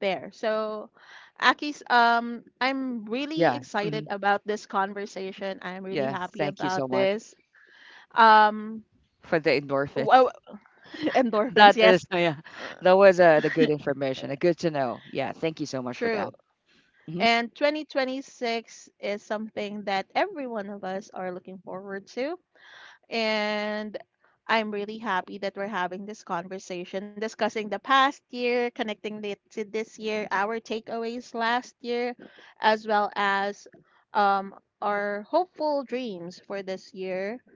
there. So, Aki's, um, I'm really Yeah. excited Mm-hmm. about this conversation. I'm really Yeah. happy Thank you about so much this. Um, for the wow, endorphins. That endorphins, is, yes. yeah, Uh, that was, uh, the good information, the good to know. Yeah. Thank you so much for that. True. Hmm. And twenty twenty-six is something that every one of us are looking forward to. And I'm really happy that we're having this conversation, discussing the past year, connecting it to this year, our takeaways last year, as well as um, our hopeful dreams for this year.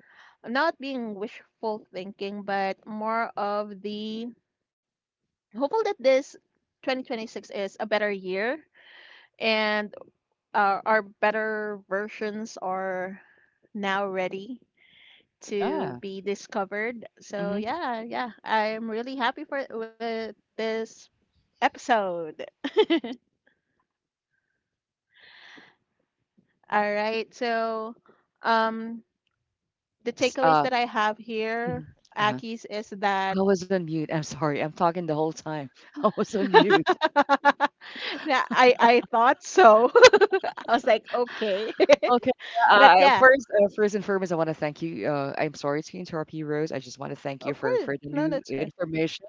Not being wishful thinking, but more of the hopeful that this twenty twenty-six is a better year, and our, our better versions are now ready Yeah. to be discovered. So Hmm. yeah, yeah, I'm really happy for with this episode. All right, so um, the Yes. Uh. takeaways that I have Mhm. here, Uh-huh. Aki's, is I that was on mute. I'm sorry. I'm talking the whole time. I was on mute. yeah, I I thought so. I was like, okay, Okay. Yeah. but Uh, yeah, first, uh, first and foremost, I want to thank you. Uh, I'm sorry to interrupt you, Rose. I just want to thank you of for course, for the no, new that's good. information,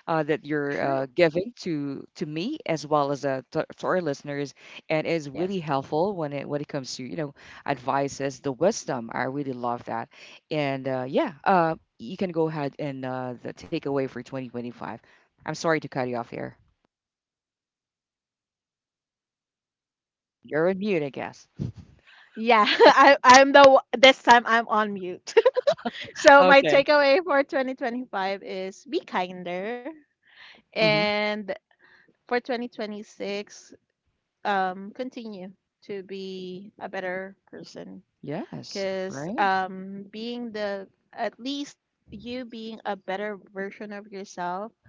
uh, that you're, True. uh, giving to to me, as well as, uh, to, to our listeners, and is Yes. really helpful when it when it comes to, you know advices, the wisdom. I really love that, and uh, yeah, uh, you can go ahead and, uh, the takeaway for twenty twenty-five. I'm sorry to cut you off there. You're on mute, I guess. Yeah, I, I'm the o- this time I'm on mute. So my Okay. takeaway for twenty twenty-five is be kinder. Mm-hmm. And for twenty twenty-six, um, continue to be a better person, Yes. because Right. um, being the, at least you being a better version of yourself,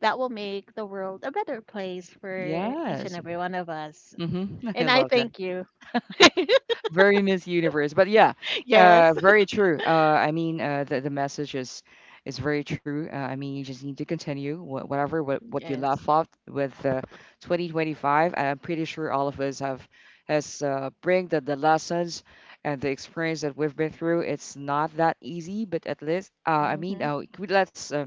that will make the world a better place for each and Yes. every one of us. Mhm. I And I love that. thank you. Very Miss Universe. But yeah, uh, Yes. very true. Uh, I mean, uh, the, the message is is very true. Uh, I mean, you just need to continue wha- whatever what, what you left Yes. off with, uh, twenty twenty-five. And I'm pretty sure all of us have has, uh, bring the, the lessons and the experience that we've been through. It's not that easy, but at least, uh, I mean, uh, Hmm. we- let's, uh,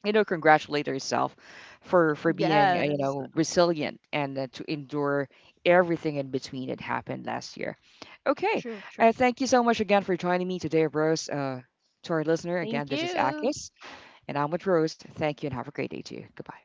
you know congratulate herself for for being, uh, you know Yes. resilient, and uh, to endure everything in between that happened last year. Okay. True, uh, true. thank you so much again for joining me today, Rose. uh, to our listener again, this Thank is you. Akis, and I'm with Rose. Thank you, and have a great day to you. Goodbye.